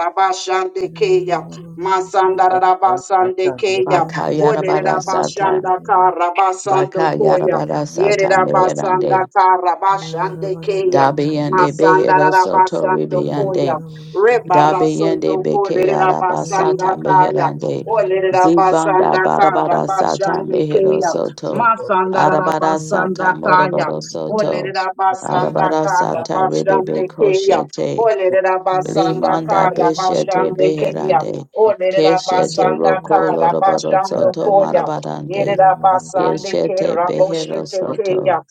C: you.
A: bashande
C: Thank
A: keya. Masandara basande
G: Thank
A: keya.
E: Baka
A: Olerera
E: yarabara sata.
A: basanda kara basando
E: Baka
A: koya.
E: yarabara sata
A: Yerabasanda
E: meherande.
A: Karabashande Keya
E: Dabiyende
A: Masanda
E: behero soto
A: Rabasando Koya
E: ribiyande.
A: Rebarasando
E: Dabeyende beke
A: Kolerabasanda
E: arabasata
A: Kaya
E: meherande. Zibanda
A: Olerabasanda
E: barabara sata
A: Karabashande
E: mehero
A: Keya
E: soto.
A: Masanda
E: Arabara
A: Rabasanda
E: sata
A: Kaya
E: moroboro soto.
A: Olerabasanda
E: Arabara sata rebebe
A: Karabashande Keya
E: koshete.
A: Olerabasanda
E: Limanda beshete
A: Karabashande Keya
E: beherande.
A: Olerera
E: Keshete
A: basanda
E: roko
A: kara
E: loroboro
A: basando
E: soto
A: koya.
E: marabarande.
A: Yerera
C: you.
A: basande ke
E: Keshete behero
A: raboshete keya.
E: soto.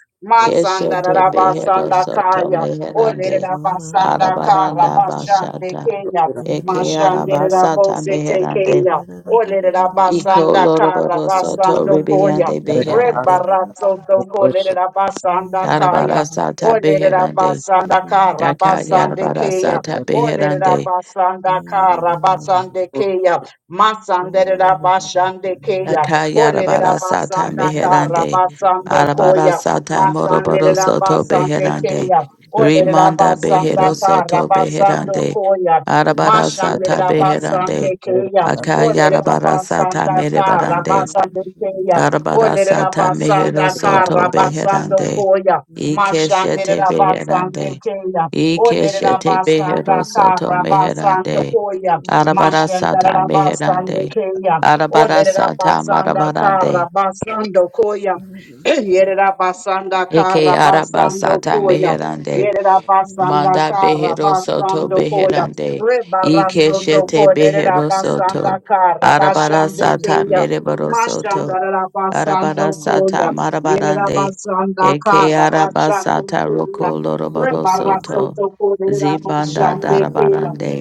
C: Oh,
A: Masanda
E: Keshete
A: rara
E: behero
A: basanda
E: soto
A: kaya.
E: meherande.
A: Olerera basanda kara
E: Arabaranda
A: basande
E: Bashata
A: keya.
E: Eke
A: Mashanderera
E: Arabasata
A: bosete
E: Meherande
A: keya. Olerera
E: Iko
A: basanda kara
E: Loroboro Soto
A: basando koya.
E: Ribiande Beherande
A: Rebarasoto Kolerera Basanda Kaya.
E: Darabarasata
A: Olerera
E: Beherande
A: Basanda Kara
E: Daka
A: Basande Kaya.
E: Yarabarasata
A: Olerera
E: Beherande
A: Basanda Kara Basande Kaya. Masanderera Basande Kaya.
E: Daka
A: Olerera
E: Yarabarasata
A: Basanda Kara
E: Meherande
A: Basando Koya.
E: Arabarasata Moroboro
A: Masanderera
E: Soto
A: Basande
E: Beherande
A: Kaya. Olerera
E: Rimanda
A: Basanda
E: Behero
A: Kara
E: Soto
A: Basando
E: Beherande
A: Koya. Mashande
E: Arabarasata
A: la basande
E: Beherande
A: keya,
C: Thank
A: olere la
C: you.
E: Akayarabara sata
A: basanda kara
E: merebarande.
A: basande keya,
E: Arabara
A: olere la
E: sata
A: basanda
E: mehero
A: kara
E: soto
A: basando
E: beherande.
A: koya, mashande
E: Ikeshete
A: la basande
E: beherande.
A: keya, olere la
E: Ikeshete
A: basanda
E: behero soto
A: kara basando
E: meherande.
A: koya,
E: Arabara
A: mashande
E: sata
A: la basande
E: meherande.
A: keya,
E: Arabara
A: olere la
E: sata
A: basanda kara
E: marabarande.
A: basando koya, yere la basanda
E: Eke
A: kara
E: araba
A: basando
E: sata
A: koya.
E: meherande.
A: Yerabasanda
E: Manda behero soto
A: Karabasando Koya,
E: beherande.
A: Rebarasoto
E: Ikeshete behero
A: Koderabasanda
E: soto. Arabara
A: Karabashande
E: sata
A: Kaya,
E: mereboro soto.
A: Mashanda Rabasando
E: Arabara sata
A: Koya,
E: marabarande.
A: Yerabasanda
E: Eke araba
A: Karabashande Kaya,
E: roko loroboro soto.
A: Rebarasoto
C: Yeah.
E: Zibanda
A: Koderabashande Kaya,
E: darabarande.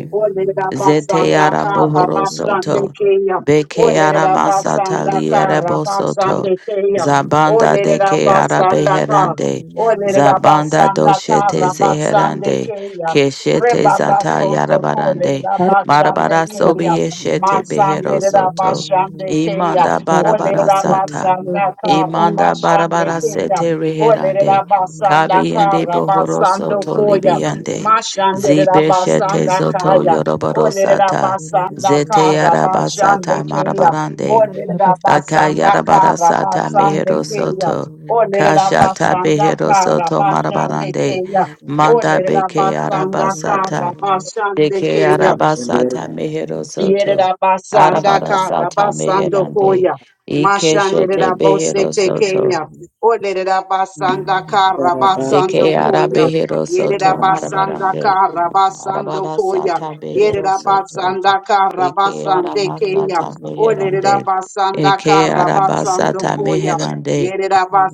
E: Zete
A: Olerabasanda
E: yara bohoro
A: Karabashande
E: soto.
A: Kaya,
E: Beke yara masata
A: Olerabasanda
E: liere bosoto.
A: Karabashande Kaya,
E: Zabanda de ke yara
A: Olerabasanda Kaya,
E: beherande.
A: Olere
E: Zabanda
A: rabasanda ta
E: doshete
A: rabasande
E: zeherande.
A: keya.
E: Keshete
A: Reba
E: zata
A: rasoto
E: yara
A: kole
E: barande.
A: rabashande
E: Marabara
A: keya.
E: sobi yeshete
A: Masande
E: behero soto.
A: rabashande keya.
E: Imanda
A: Olere
E: barabara sata.
A: rabasanda ta
E: Imanda
A: rabashande
E: barabara
A: keya.
E: sete
A: Olere
E: reherande.
A: rabasanda
E: Kabi
A: ka
E: yende bohoro
A: rabasando
E: soto
A: koya.
E: libiande.
A: Mashande
E: Zibeshete
A: rabasanda
E: zoto
A: kaya. Olerera
E: yorobarosata.
A: basanda
E: Zete
A: kara basande
E: yarabasata
A: keya.
E: marabarande.
A: Olerera
E: Aka
A: basanda kara
E: yarabarasata
A: basande
E: meherosoto
C: Thank
A: keya.
E: soto.
A: Olerera
E: Kashata
A: basanda
E: behero
A: kara basande
E: marabarande.
A: keya.
E: Manda
A: Olerera
E: beke
A: basanda kara
E: yarabasata.
A: basande
E: Deke
A: keya.
E: yarabasata meherosoto
A: Yerera basanda kara
E: Arabarasata
A: basando
E: meherande.
A: koya.
E: Ikeshete
A: Mashandera bose
E: beherosoto soto.
A: tekeya. Olerera basanda kara basando
E: Deke
C: you.
A: koya.
E: yarabehero
A: Yerera basanda
E: marabarande.
A: kara basando koya.
E: Arabarasata beherosoto
A: Yerera basanda kara
E: Eke ara
A: basande keya.
E: masata
A: Olerera
E: meherande.
A: basanda
E: Eke
A: kara
E: ara
A: basando
E: basata
A: koya.
E: meherande.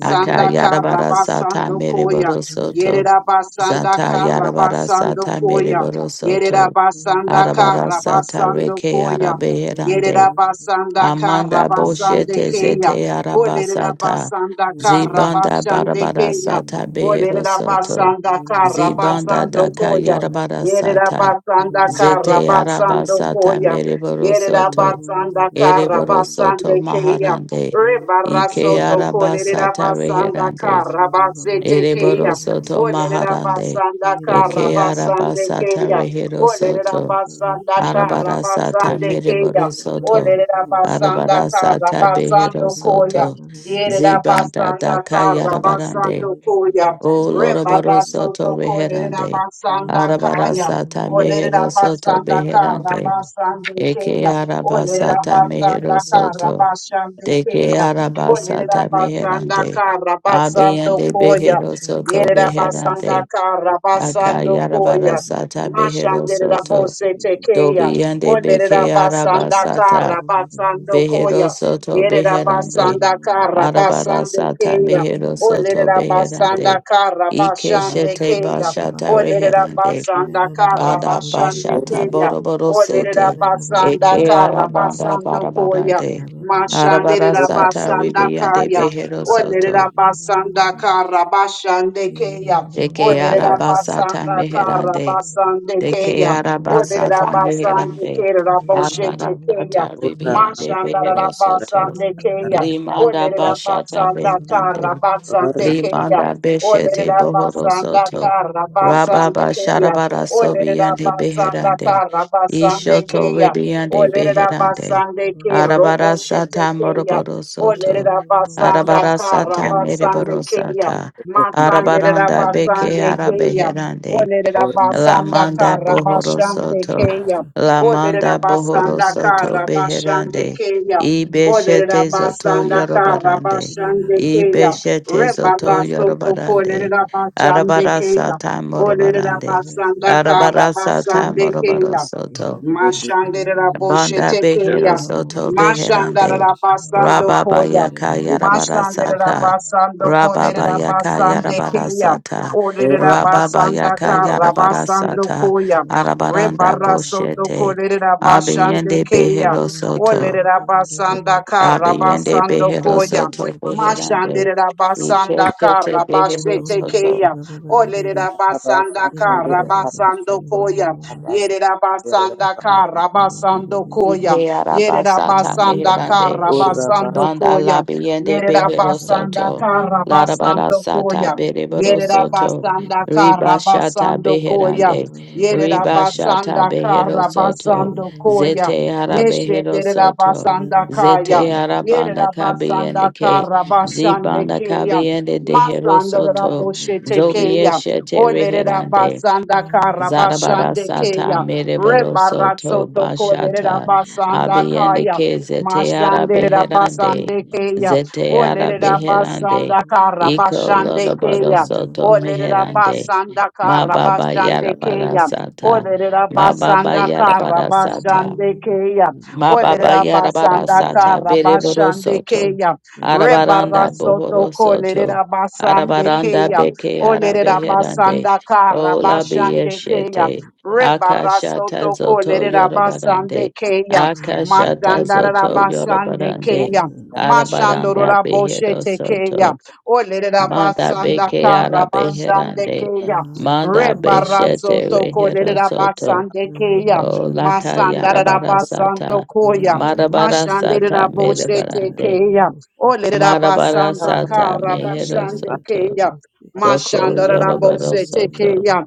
E: Aka yarabara sata
A: Karabasando Koya.
E: mereboro soto.
A: Yerabasanda
E: Zata yarabara
A: Karabasando
E: sata
A: Koya.
E: mereboro soto.
A: Yerabasanda
E: Arabara sata
A: Karabasando
E: reke
A: Koya.
E: ara
C: Thank
E: beherande.
A: Yerabasanda
E: Amanda
A: Karabasande
E: boshete
A: Kaya.
E: zete arabasata.
A: Olerabasanda
E: Zibanda
A: Karabasande
E: barabara
A: Kaya.
E: sata behero
A: Olerabasanda
E: Zibanda
A: Karabasando
E: daka
A: Koya.
E: yarabara sata.
A: Yerabasanda
E: Zete
A: Karabasando
E: arabasata
A: Koya. Yerida
E: meriborosoto,
A: basanda kara basande
E: eriborosoto
A: keya.
E: maharande, ike
A: Rebarasoto kolerida
E: arabasata
A: basanda
E: reherande,
A: kara basete keya.
E: eriborosoto
A: Olerida
E: maharande,
A: basanda kara
E: eke
A: basande
E: arabasata
A: keya. Olerida
E: reherosoto,
A: basanda kara
E: arabarasata
A: basande keya.
E: meriborosoto,
A: Olerida basanda kara
E: arabarasata
A: basando koya.
E: beherosoto, zibanda
A: Yerabasandaka
E: daka yarabarande, o
C: you.
E: loroborosoto reherande,
C: God,
E: arabarasata meherosoto beherande, Eke arabasata mehero soto. Deke arabasata meherande. Abeyende behero soto beherande.
A: Rabasando Koya.
E: Akayarabarasata behero
A: Mashandera
E: soto.
A: bose tekeya,
E: Dobiyende
A: olerera
E: beke
A: basanda kara
E: arabasata.
A: basando
E: Behero
A: koya,
E: soto
A: yerera
E: beherande.
A: basanda kara basande
E: Arabarasata
A: keya,
E: mehero soto
A: olerera basanda
E: beherande.
A: kara
E: Ike
A: basande
E: shete
A: keya,
E: bashata
A: olerera
E: reherande.
A: basanda kara basande
E: Adabashata
A: keya.
E: boroboro
A: Olerera
E: sete.
A: basanda
E: Eke
A: kara
E: arabanda
A: basando koya.
E: barabarande.
A: Mashanderera
E: Arabarasata
A: basanda
E: ribiande
A: kaya.
C: Ora
E: behero
A: Olerera
E: soto.
A: basanda kara basande keya.
E: Deke
A: Olerera
E: arabasata
A: basanda kara
E: meherande.
A: basande
E: Deke
A: keya. Olerera
E: arabasata
A: basande
E: meherande.
A: kera boshete keya.
E: Arabarasata ribiande
A: Mashandara
E: behero soto.
A: basande keya.
E: Limanda
G: you.
A: Olerera
E: bashata
A: basanda kara
E: beherande.
G: Ora
A: basande keya.
G: masa
E: Limanda Beshete
A: Olerera
E: Bohoro
A: basanda
E: Soto.
A: kara
G: yatari
A: basande
E: Rababa
A: keya.
E: Sharabara
A: Olerera
E: Sobiande
A: basanda
E: Beherande.
A: kara basande
E: Ishoto
A: keya.
E: Ribiande
G: yukunya
A: Olerera
E: Beherande.
A: basande ke robo
E: Arabara
A: shete
E: Sata
A: keya.
E: Moroboro Soto.
A: Olerera basanda
E: Arabara
A: kara
E: Sata
A: basande
E: Mereboro
A: keya.
E: Sata.
G: tukuke
A: Masanderera
G: ta
E: Arabaranda Beke
A: basande keya.
E: Arabeherande.
A: Olerera
G: ora tukuke
E: La
A: basanda
E: manda
A: kara
E: bohoro
A: basande
E: soto.
A: keya.
E: La
A: Olerera
E: manda
C: Ora
E: bohoro
A: basanda
C: baba
E: soto
A: kara
C: shababa,
A: basande
E: beherande.
A: keya.
C: ora baba
A: Olerera
E: Ibeshete zoto
C: rosha,
A: basanda kara
E: yorobarande.
C: irena
A: basande
C: na baba
A: keya.
C: baba,
E: Ibeshete zoto
A: Rebaraso
C: ora
A: toko
C: rosha
E: yorobarande.
A: lerera
C: baba baba
A: basande
E: Arabara
C: rosha,
A: keya.
E: sata
A: Olerera
C: irena
E: morobarande.
C: bebe
A: basanda
C: sena,
A: kara
E: Arabara sata
A: basande
C: ora rosha,
E: morobaro
A: keya.
E: soto.
C: irena baba shana
G: ta
A: Mashandera
C: rosha me,
E: Banda
A: boshete
G: ta
A: keya.
E: Behero
C: ora
E: Soto
C: rosha baba
E: Beherande
C: baba
A: Mashandara
C: shaba,
A: basando
E: Rababa
A: koya.
E: Yaka
C: irena
G: ora
C: na baba
E: Yarabara
C: baba
A: Mashandera
E: Sata
C: shaba,
A: basando
E: Rababa
A: kolera
C: irena
E: Yaka
C: baba
A: basande
E: Yarabara
C: rosha,
A: keya.
E: Sata
A: Olera
C: irena
E: Rababa
C: bebe na rosha,
A: basanda
C: ora baba baba
E: Yaka
A: kara
E: Yarabara
A: basando
E: Sata
A: koya.
E: Arabaranda
A: Rebara
C: rosha
A: soto
E: Boshete
C: baba na
A: kolera
C: rosha,
A: basande
E: Abiende
A: keya.
E: Behero
C: irena na
E: Soto
C: baba
A: Olera
C: baba na
G: tukuke
A: basanda
C: rosha,
A: kara
E: Abiende
A: basando
E: Behero
C: irena na
A: koya.
E: Soto
C: baba baba
E: Beherande
A: Mashandera
E: Ike
A: basanda
E: Soto
A: kara
E: Behero
C: Yeah.
A: basete
E: Soto
A: keya. Olera
G: ta basa
A: basanda
G: kare
A: kara
G: apa
A: basando
G: suko
A: koya.
G: ta basa
A: Yerera
G: kere
A: basanda
G: ta
A: kara basando koya.
E: Ike
A: Yerera
E: Arabasata
A: basanda
E: Meherande
A: kara
G: ora basa
A: basando
E: Banda
A: koya.
E: labiende
A: Yerera
E: behero
A: basanda
E: soto.
A: kara
E: Larabara
A: basando
E: sata
A: koya.
E: bereboro
A: Yerera
E: soto.
A: basanda
E: Riba
A: kara
E: shata
A: basando koya.
E: beherande.
A: Yerera
E: Riba shata
A: basanda
E: behero
A: kara
E: soto.
A: basando koya.
E: Zete ara
A: Yeshe
E: behero
A: derera
E: soto.
A: basanda kaya.
E: Zete ara banda
A: Yerera basanda
E: kabiende ke.
A: kara basande
E: Zibanda
A: keya.
E: kabiende dehero
A: Masanda rera
E: soto.
A: boshete
E: Zobiye
A: keya.
E: shete
A: Olerera
E: reherande.
A: basanda kara
E: Zarabara
A: basande
E: sata
A: keya.
E: mereboro soto
A: Rebarasoto
C: Thank
A: kolerera
E: bashata
A: basanda
E: abiyende
A: kaya.
E: ke zeteara
A: Mashande
E: beherande
A: Rabasande Kaya.
E: zeteara
A: Olere Rabasanda
E: beherande iko
A: Karabashande
E: loroboro
A: Kaya.
E: soto
A: Olere
E: meherande
A: Rabasanda
E: mababa
A: Karabashande
E: yarabara
A: Kaya.
E: sata
A: Olere
E: ma mababa
A: Rabasanda
E: yarabara sata
A: Karabashande Kaya.
E: Ma
A: Olere
E: baba yara bara
A: Rabasanda
E: sata bere boro
A: Karabashande
E: soto.
A: Kaya.
E: Arabaranda
A: Rebarasoto
E: bohoro
A: Kolere
E: soto.
A: Rabasande
E: Arabaranda
A: Kaya.
E: beke
A: Olere
E: arabeherande.
A: Rabasanda
E: Ola
A: Karabashande Kaya.
E: biyeshete. Akashata
A: Rebarasoto
E: zoto
A: kolerera basande
E: yorobarande.
A: keya.
E: Akashata
A: Masandara
G: kere
E: zoto
G: ta
A: basande
G: ta
E: yorobarande.
A: keya.
G: ta ta
E: Arabaranda
A: Mashandorora
E: behero
A: boshete keya.
E: soto.
A: Olerera
E: Manda
A: basanda
E: beke
A: kara basande
E: arabeherande.
A: keya.
E: Manda beshete
A: Rebarasoto
E: rehero
A: kolerera
E: soto.
A: basande
G: ora
A: keya.
E: Oh, laka
A: Masandara
C: you.
E: yarabara
G: basa
A: basando
E: sata.
C: Thank
A: koya.
E: Marabara sata
A: Mashandera boshete
E: merebarande.
A: keya. Olerera
E: Marabara
G: kere
A: basanda
E: sata
A: kara
E: mehero
G: basa
A: basande
E: soto.
A: keya.
E: Doko
A: Mashandarabose
E: yorobaro soto.
A: tekeya.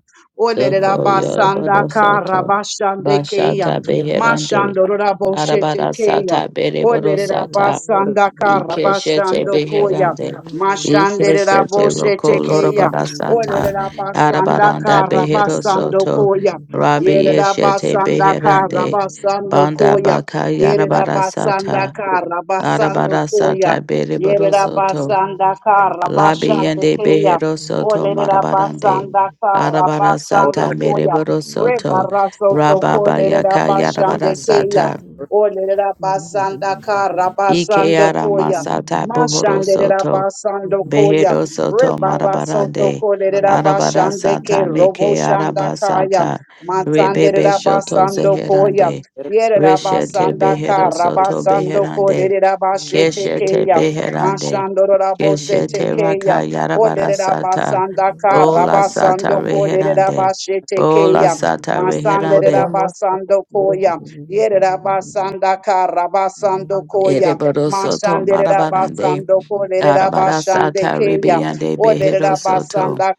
E: Doko
A: Olerabasanda
E: yorobaro soto.
A: karabashande keya.
E: Bashata
G: kere ta
E: beherande.
A: Mashandorabose
E: Arabara
A: tekeya.
E: sata berebaro
A: Olerera
E: sata.
G: ora
A: basanda kara
E: Ikeshete
A: bashando
G: kere
A: koya.
E: beherande.
A: Mashanderera
E: Ikeshete
A: boshe
E: roko
A: tekeya.
E: lorobarasata.
A: Olerera basanda
E: Arabaranda
A: kara
E: behero
A: basando
E: soto.
A: koya.
E: Rabi
A: Yerera
E: yeshete
A: basanda kara
E: beherande.
A: basando
E: Banda
A: koya.
E: baka
A: Yerera basanda
E: yarabarasata.
G: ora
A: kara basando
C: you.
A: koya.
E: Arabarasata beriboro
A: Yerera
C: Thank
G: kere basa
C: you.
E: soto.
A: basanda kara bashande
E: Labiende yende
A: koya.
E: behero soto
A: Olerera
E: marabarande.
A: basanda kara basando
E: Arabarasata
G: ora
A: koya.
E: meriboro soto.
A: Rebarasoto
E: Rababa
A: kolerera
E: yaka
G: ora
A: bashande keya.
E: yarabarasata.
A: Olerera basanda kara
E: Ike
A: basando koya.
E: yaramasata bohoro
A: Mashanderera
E: soto.
A: basando koya.
E: Behero soto
A: Rebara soto
E: marabarande.
G: ora
A: kolerera
E: Arabara
A: bashande ke
E: sata
A: robo
E: meke
A: shanda kaya.
E: arabasata. Rebebe
A: Masanderera
E: shoto
A: basando koya.
E: zeherande.
A: Yerera
E: Reshete
A: basanda
E: behero
A: kara
E: soto
A: basando
E: beherande.
A: kolerera bashete
E: Keshete
A: keya.
G: masa kere
E: beherande.
A: Mashandorora bosete
E: Keshete
A: keya.
E: raka yarabara
A: Olerera
E: sata.
A: basanda
G: ta
A: kara
E: Bola
G: Ora
E: sata
A: basando kolerera
E: reherande.
A: bashete
E: Bola
A: Tekeya,
E: sata
A: Masande
E: reherande.
A: basando
C: Get up.
A: Koya, Yerabasanda Karabasando Koya,
E: Ereboro soto
A: Masande
E: marabarande.
A: Rabasando Koya,
E: Arabara
A: Rabashande
E: sata
A: Keya,
E: ribiande behero soto.
A: Olerabasanda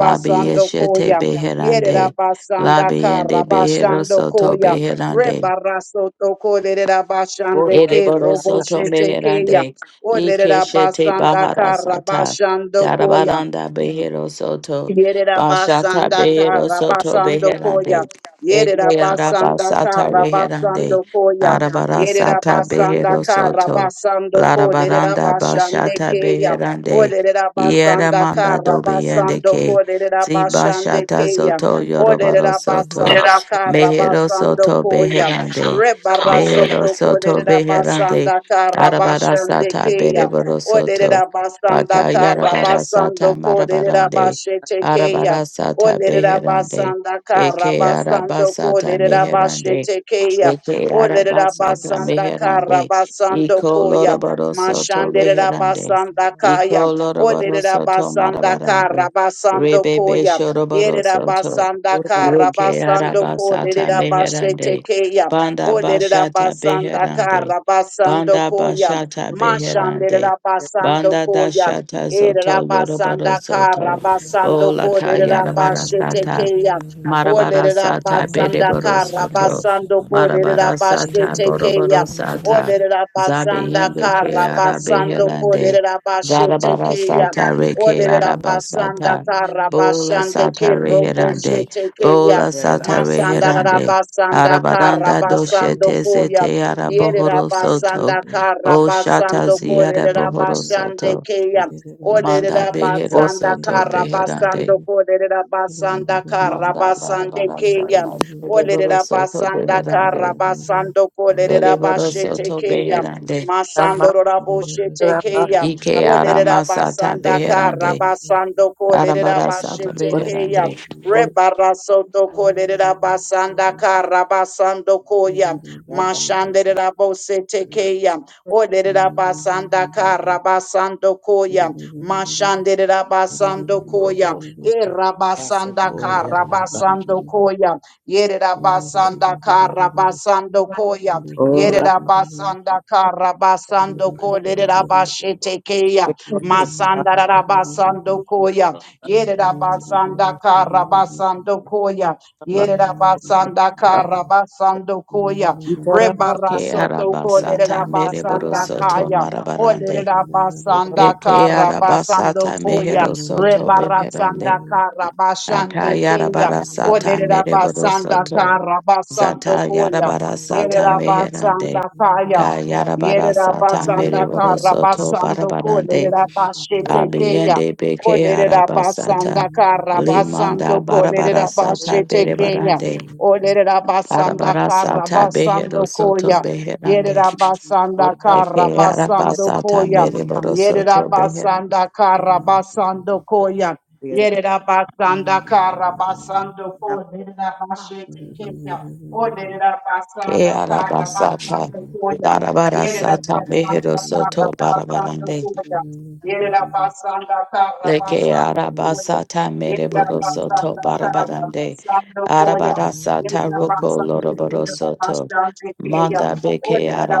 E: Labi yeshete
A: Koya,
E: beherande.
A: Yerabasanda
E: Labi yende behero
A: Karabashando
E: soto
A: Koya,
E: beherande.
A: Rebaraso Toko, Lerabashande Ke,
E: Ereboro soto
A: Roboshete Keya,
E: meherande. Ike shete
A: Olerabasanda
E: bahara sata.
A: Karabashando Koya,
E: Darabaranda behero soto.
A: Yerera
E: Bashata
A: basanda
E: behero
A: kara
E: soto
A: basando koya.
E: beherande.
A: Yerera
E: Eke araba
A: basanda
E: sata
A: kara
E: beherande.
A: basando koya.
E: Arabara
A: Yerera
E: sata
A: basanda
E: behero
A: kara
E: soto.
A: basando ko. Lerera
E: Larabaranda
A: basande
E: bashata
A: keya. O
E: beherande.
A: lerera basanda
E: Yeramanda
A: kara
E: dobiende
A: basando
E: ke.
A: ko. Lerera basande
E: zibashata shata
A: keya.
E: zoto
A: O
E: yoroboro
A: lerera
E: soto.
A: basanda kara
E: Mehero
A: basando
E: soto
A: koya.
C: It's a
E: beherande. Mehero
A: Rebarasoto ko.
E: soto
A: Lerera
C: Yeah.
E: beherande.
A: basanda kara
E: Arabara
A: basande
E: sata
A: keya.
E: bereboro soto.
A: Olerera basanda
E: Baka
A: kara
E: yarabara sata
A: basando kolerera
E: marabarande.
A: bashete keya.
E: Arabara sata
A: Olerera
E: beherande.
A: basanda kara
E: Eke
A: basando
E: arabasata
A: kolerera
E: meherande.
A: bashete keya.
E: Eke
A: Olerera
E: arabasata
A: basanda kara
E: meherande.
A: basando
E: Iko
A: koya.
E: loroboro soto
A: Mashanderera
E: beherande.
A: basanda kaya.
E: Iko loroboro
A: Olerera
E: soto
A: basanda kara
E: marabarande.
A: basando
E: Rebebe
A: koya.
E: shoroboro
A: Yerera
E: soto.
A: basanda kara
E: Reke
A: basando ko
E: arabasata
A: lerera bashete
E: meherande.
A: keya. O
E: Banda
A: lerera
E: bashata
A: basanda
E: beherande.
A: kara basando
E: Banda
A: koya.
E: bashata
A: Mashanderera
E: beherande.
A: basando
E: Banda
A: koya.
E: dashata
A: Erera
E: zoto
A: basanda
E: yorobaro
A: kara
E: soto.
A: basando
E: Ola
A: ko lerera bashete
E: kayarabara
A: keya.
E: Marabara
A: Olerera
E: sata
A: basanda
E: bedeboro
A: kara
E: soto.
A: basando kolerera
E: Marabara
A: bashe
E: sata
A: tekeya.
E: boroboro sata.
A: Olerera basanda
E: Zabiyende ke
A: kara basando
E: arabeherande.
A: kolerera bashe
E: Zarabara
A: tekeya.
E: sata reke
A: Olerera basanda
E: arabasata.
A: kara
E: Bola
A: basande
C: Thank
E: sata
A: kero boshe
E: reherande.
A: tekeya.
E: Bola sata
A: Masanda rara
E: reherande.
A: basanda kara
E: Arabaranda
A: basando
E: doshete
A: koya.
E: zete
A: Yerera
E: arabohoro soto.
A: basanda kara
E: O shata
A: basando
E: ziyara
A: kolerera
E: bohoro
A: basande
E: soto.
A: keya.
E: Manda
A: Olerera
E: behero
A: basanda
E: soto
A: kara
E: beherande.
A: basando kolerera basanda kara
E: Manda
A: basande
E: barabara
A: keya.
E: sata bereboro
A: Olerera
E: soto
A: basanda kara
E: beherande.
A: basando kolerera
E: Bereboro
A: basete
E: soto
A: keya.
E: beherande.
A: Masando rabo shete keya.
E: Ike
A: Olerera
E: arama sata
A: basanda kara
E: beherande.
A: basando kolerera
E: Arabara sata
A: basete keya.
E: beherande.
A: Rebarasoto korera basanda
C: you.
A: karabasando
C: Thank
A: koya
C: you.
A: mashanderera bosete keya oderera basanda karabasando koya mashanderera basando koya erabasanda karabasando koya yerera basanda karabasando koya Yerera basanda Yerabasanda Karabasando Ko Lerabashete Kea Masanda rara basando Koya yerera basanda kara basando Koya yerera basanda kara basando Koya rebara
E: Ike
A: Rebarasoto
E: araba
A: Ko
E: sata
A: lerera
E: mereboro
A: basanda
E: soto
A: Kaya o
E: marabarande.
A: lerera basanda
E: Ike
A: kara
E: araba
A: basando
E: sata
C: Thank
A: Koya
E: mehero soto
C: you.
A: rebara sanda
E: beherande.
A: kara
E: Aka
A: Rebarasanda
E: yarabara sata
A: Karabashande
E: mereboro
A: basanda
E: soto.
A: kara basando
E: Zata
A: Koya
E: yarabara sata
A: Yerabasanda
E: meherande.
A: kaya,
E: Ka yarabara sata
A: Yerabasandakaya. Yerabasandaka
E: mereboro soto
A: Rabasando
E: barabarande.
A: Kolerabashetekeya.
E: Abiyende beke arabasata.
A: Kolerabasandaka Rabasando
E: Limanda barabara sata
A: Kolerabashetekeya.
E: berebarande. Barabara
A: Olerabasandaka
E: sata
A: Rabasando
E: behero soto
A: Koya.
E: beherande.
A: Yerabasandaka
E: Eke
A: Rabasando
E: arabasata
A: Koya.
E: mereboro soto beherande.
A: Yerabasandaka Rabasando Koya.
G: Ora basta, ora
A: Yerera basanda kara basando ko lerera bashete kenya. O lerera
E: Ke
A: basanda kara
E: arabasata.
A: basando koya.
E: Larabara
A: Yerera
E: sata mehero
A: basanda kara
E: soto
A: basando
E: barabarande.
C: Thank you.
A: koya. Yerera basanda kara
E: Leke
A: basando koya.
E: arabasata
A: Yerera
E: mereborosoto
A: basanda kara
E: barabarande.
A: basando koya.
E: Arabarasata
A: Yerera
E: roko
A: basanda kara
E: loroborosoto.
A: basando koya.
E: Manda beke
A: O lerera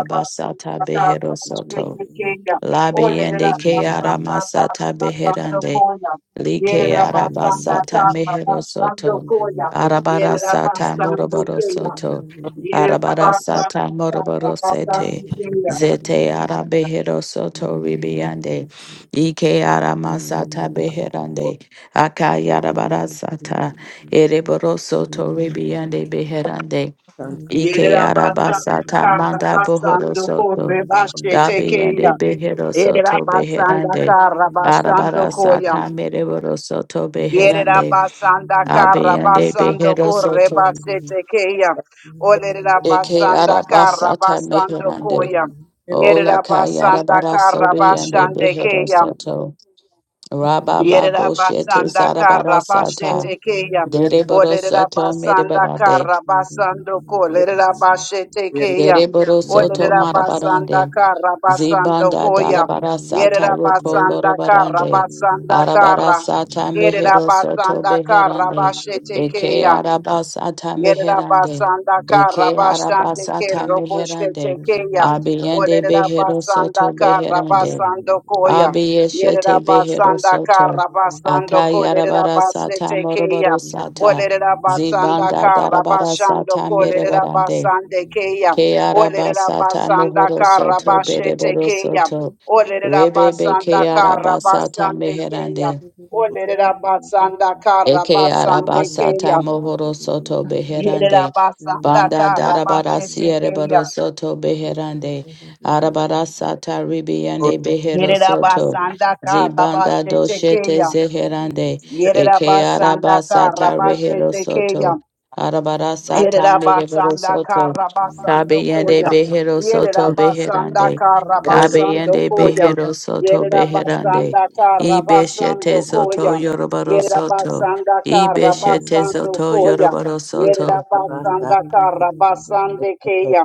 A: basanda kara basando
E: beherosoto.
A: kenya. O lerera
E: Labiende ke
A: basanda kara
E: aramasata
A: basando
E: beherande.
A: koya.
E: Like
A: Yerera basanda
E: arabasata
A: tapa
E: mehero
A: basando
E: soto.
A: koya. Yerera
E: Arabarasata
A: basando
E: moroboro
A: koya.
E: soto.
A: Yerera
E: Arabarasata
A: basanda tapa
E: moroboro sete.
A: basando koya.
E: Zete arabehero soto ribiande. Ike aramasata beherande. Akayarabarasata. Ereboro soto ribiande beherande.
C: Thank
E: Ike
A: Yerera basanda
E: arabasata
A: tapa
E: manda bohoro
A: basando
E: soto.
A: kore basete keya.
E: Dabiende behero
A: Yerera
E: soto
A: basanda
E: beherande.
A: tapa basando
E: Arabara
A: koya.
E: sata mereboro soto
A: Yerera
E: beherande.
A: basanda kara
E: Abiende
A: Yerabasanda Karabasando
E: behero soto.
A: Korebasete Keya.
E: Eke
A: Olerabasanda
E: arabasata
A: Karabasando
E: meherande.
A: Koya.
E: Ola
A: Yerabasanda
E: kayarabara sobiende
A: Karabashande
E: behero
A: Keya.
E: soto. Rababa
A: Yerera
E: boshete
A: basanda
E: zarabara
A: kara
E: sata.
A: bashete keya.
E: Dereboro
A: Olerera
E: soto
A: basanda
E: merebarande.
A: kara basando ko. Lerera bashete keya.
E: Dereboro soto
A: Olerera basanda
E: marabarande.
A: kara basando
E: Zibanda
A: koya.
E: darabara sata
A: Yerera
E: roko
C: you.
A: basanda kara
E: lorobarande.
C: Thank
A: basanda
E: Arabara
A: kara.
E: sata
A: Yerera
E: mehero soto
A: basanda kara
E: beherande.
A: bashete
E: Eke
A: keya.
E: araba sata
A: Yerera
E: meherande.
A: basanda kara
E: Eke araba
A: basande ke
E: sata
A: robo shete
E: meherande.
A: keya.
E: Abiyende
A: Olerera
E: behero
A: basanda
E: soto
A: kara
E: beherande.
A: basando koya. Yerera
E: Abiyeshete behero
A: basanda
E: soto.
A: kara basando kolerera
E: Akayarabara sata
A: basete keya.
E: moroboro sata.
A: Olerera basanda
E: Zibanda
A: kara
E: darabara
A: basando
E: sata
A: kolerera
E: merebarande.
A: basande keya.
E: Ke
A: Olerera
E: arabasata
A: basanda
E: mohoro
A: kara
E: soto
A: basete
E: bereboro
A: keya.
E: soto.
A: Olerera
E: Rebebe ke
A: basanda kara
E: arabasata
A: basande
E: meherande.
A: keya. Olerera basanda kara
E: Eke
A: basande
E: arabasata
A: keya.
E: mohoro soto
A: Yerera
E: beherande.
A: basanda
E: Banda
A: kara
E: darabara
A: basete keya.
E: siereboro soto
C: Thank
E: beherande. Arabara sata ribiande behero
A: Yerera
E: soto.
A: basanda kara
E: Zibanda
A: basete
E: doshete
A: keya.
E: zeherande.
A: Yerera
E: Eke
A: basanda kara
E: arabasata rehero
A: basete keya.
E: soto. Arabara sata mereboro
A: Yerabasanda
E: soto.
A: Karabasando
E: Kabeyende
A: Koya.
E: behero soto
A: Yerabasanda
E: beherande.
A: Karabasando
E: Kabeyende
A: Koya.
E: behero soto beherande.
A: Yerabasanda
E: Ibeshete
A: Karabasando
E: zoto
A: Koya.
E: yoroboro soto.
A: Yerabasanda
E: Ibeshete
A: Karabasando
E: zoto
A: Koya.
E: yoroboro soto.
A: Yerabasanda Karabasande Keya.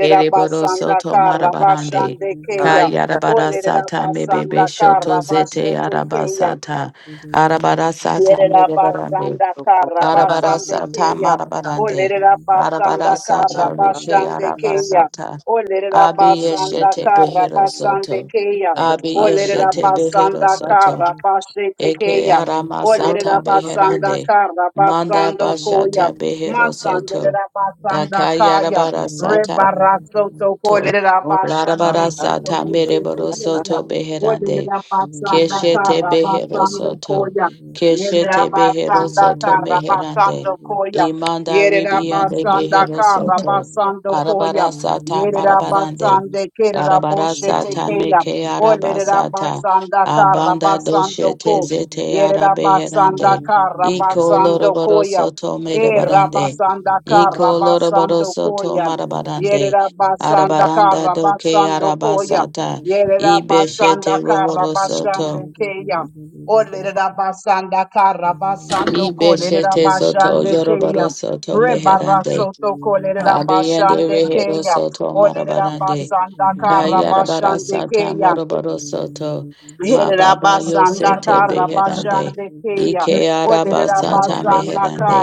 E: Ereboro soto marabarande.
A: Karabasande Keya.
E: Kayarabara sata mebebe
A: Olerabasanda
E: shoto zete
A: Karabasete Keya.
E: arabasata. Arabara sata
A: Yerera
C: you.
E: merebarande.
A: basanda kara
E: Arabara
C: Thank
A: basande
E: sata
A: keya.
E: marabarande.
A: Olerera
E: Arabara
A: basanda kara
E: sata rike
A: basande keya.
E: arabasata.
A: Olerera basanda
E: Abiyeshete
A: kara
E: behero
A: basande
E: soto.
A: keya. Olerera
E: Abiyeshete behero
A: basanda
E: soto.
A: kara basete
E: Eke
A: keya.
E: aramasata
A: Olerera
G: basta,
A: basanda
E: beherande.
A: kara
E: Manda
A: basando koya.
E: bashata behero soto.
A: Masanderera basanda kaya.
E: Dakayarabara sata
A: Rebarasoto
E: to.
A: kolerera
G: ora
A: basande
E: Larabara
G: basta,
E: sata
G: ora
E: mereboro
G: basta,
A: keya.
E: soto beherande.
A: Olerera basanda
E: Keshete
A: kara
E: behero
A: basando
E: soto.
A: koya. Yerera
E: Keshete behero
A: basanda
E: soto
A: kara basando
E: meherande.
A: koya.
E: Imanda
A: Yerera
E: ribiande
A: basanda
E: behero
A: kara
E: soto.
A: basando koya.
E: Arabara sata
A: Yerera
E: marabarande.
C: you.
A: basande kerera
E: Arabara
C: Thank you.
A: boshete keya.
E: meke
A: Olerera
E: arabasata.
A: basanda kara
E: Abanda
A: basando ko.
E: doshete zete
A: Yerera basanda
E: arabeherande.
A: kara
E: Iko
A: basando
E: loroboro
A: koya.
E: soto
A: E
E: merebarande.
A: rabasanda ka
E: Iko loroboro
A: rabasando
E: soto
A: koya. Yere
E: marabarande.
A: rabasanda ka
E: Arabaranda doke
A: rabasando koya.
E: arabasata.
A: Yere
E: Ibeshete
A: rabasanda ka
E: rohoro
A: rabasande
E: soto.
A: keya. Ole rabasanda ka rabasando ko yere
E: Ibeshete zoto
A: rabasande keya.
E: yoroboro soto
A: Reba
E: meherande.
A: rasoto ko yere
E: Kabiendo
A: rabasande
E: rehero
A: keya.
E: soto
A: Ole
E: marabarande.
A: rabasanda ka
E: Kayarabara
A: rabasande
E: sata
A: keya.
E: moroboro soto. Mababa
A: Yerabasanda
E: yosete beherande.
A: Karabashande Kaya.
E: Ike araba
C: Thank
D: Thank
C: you.
E: sata
A: Oderabasanda
D: you.
E: meherande.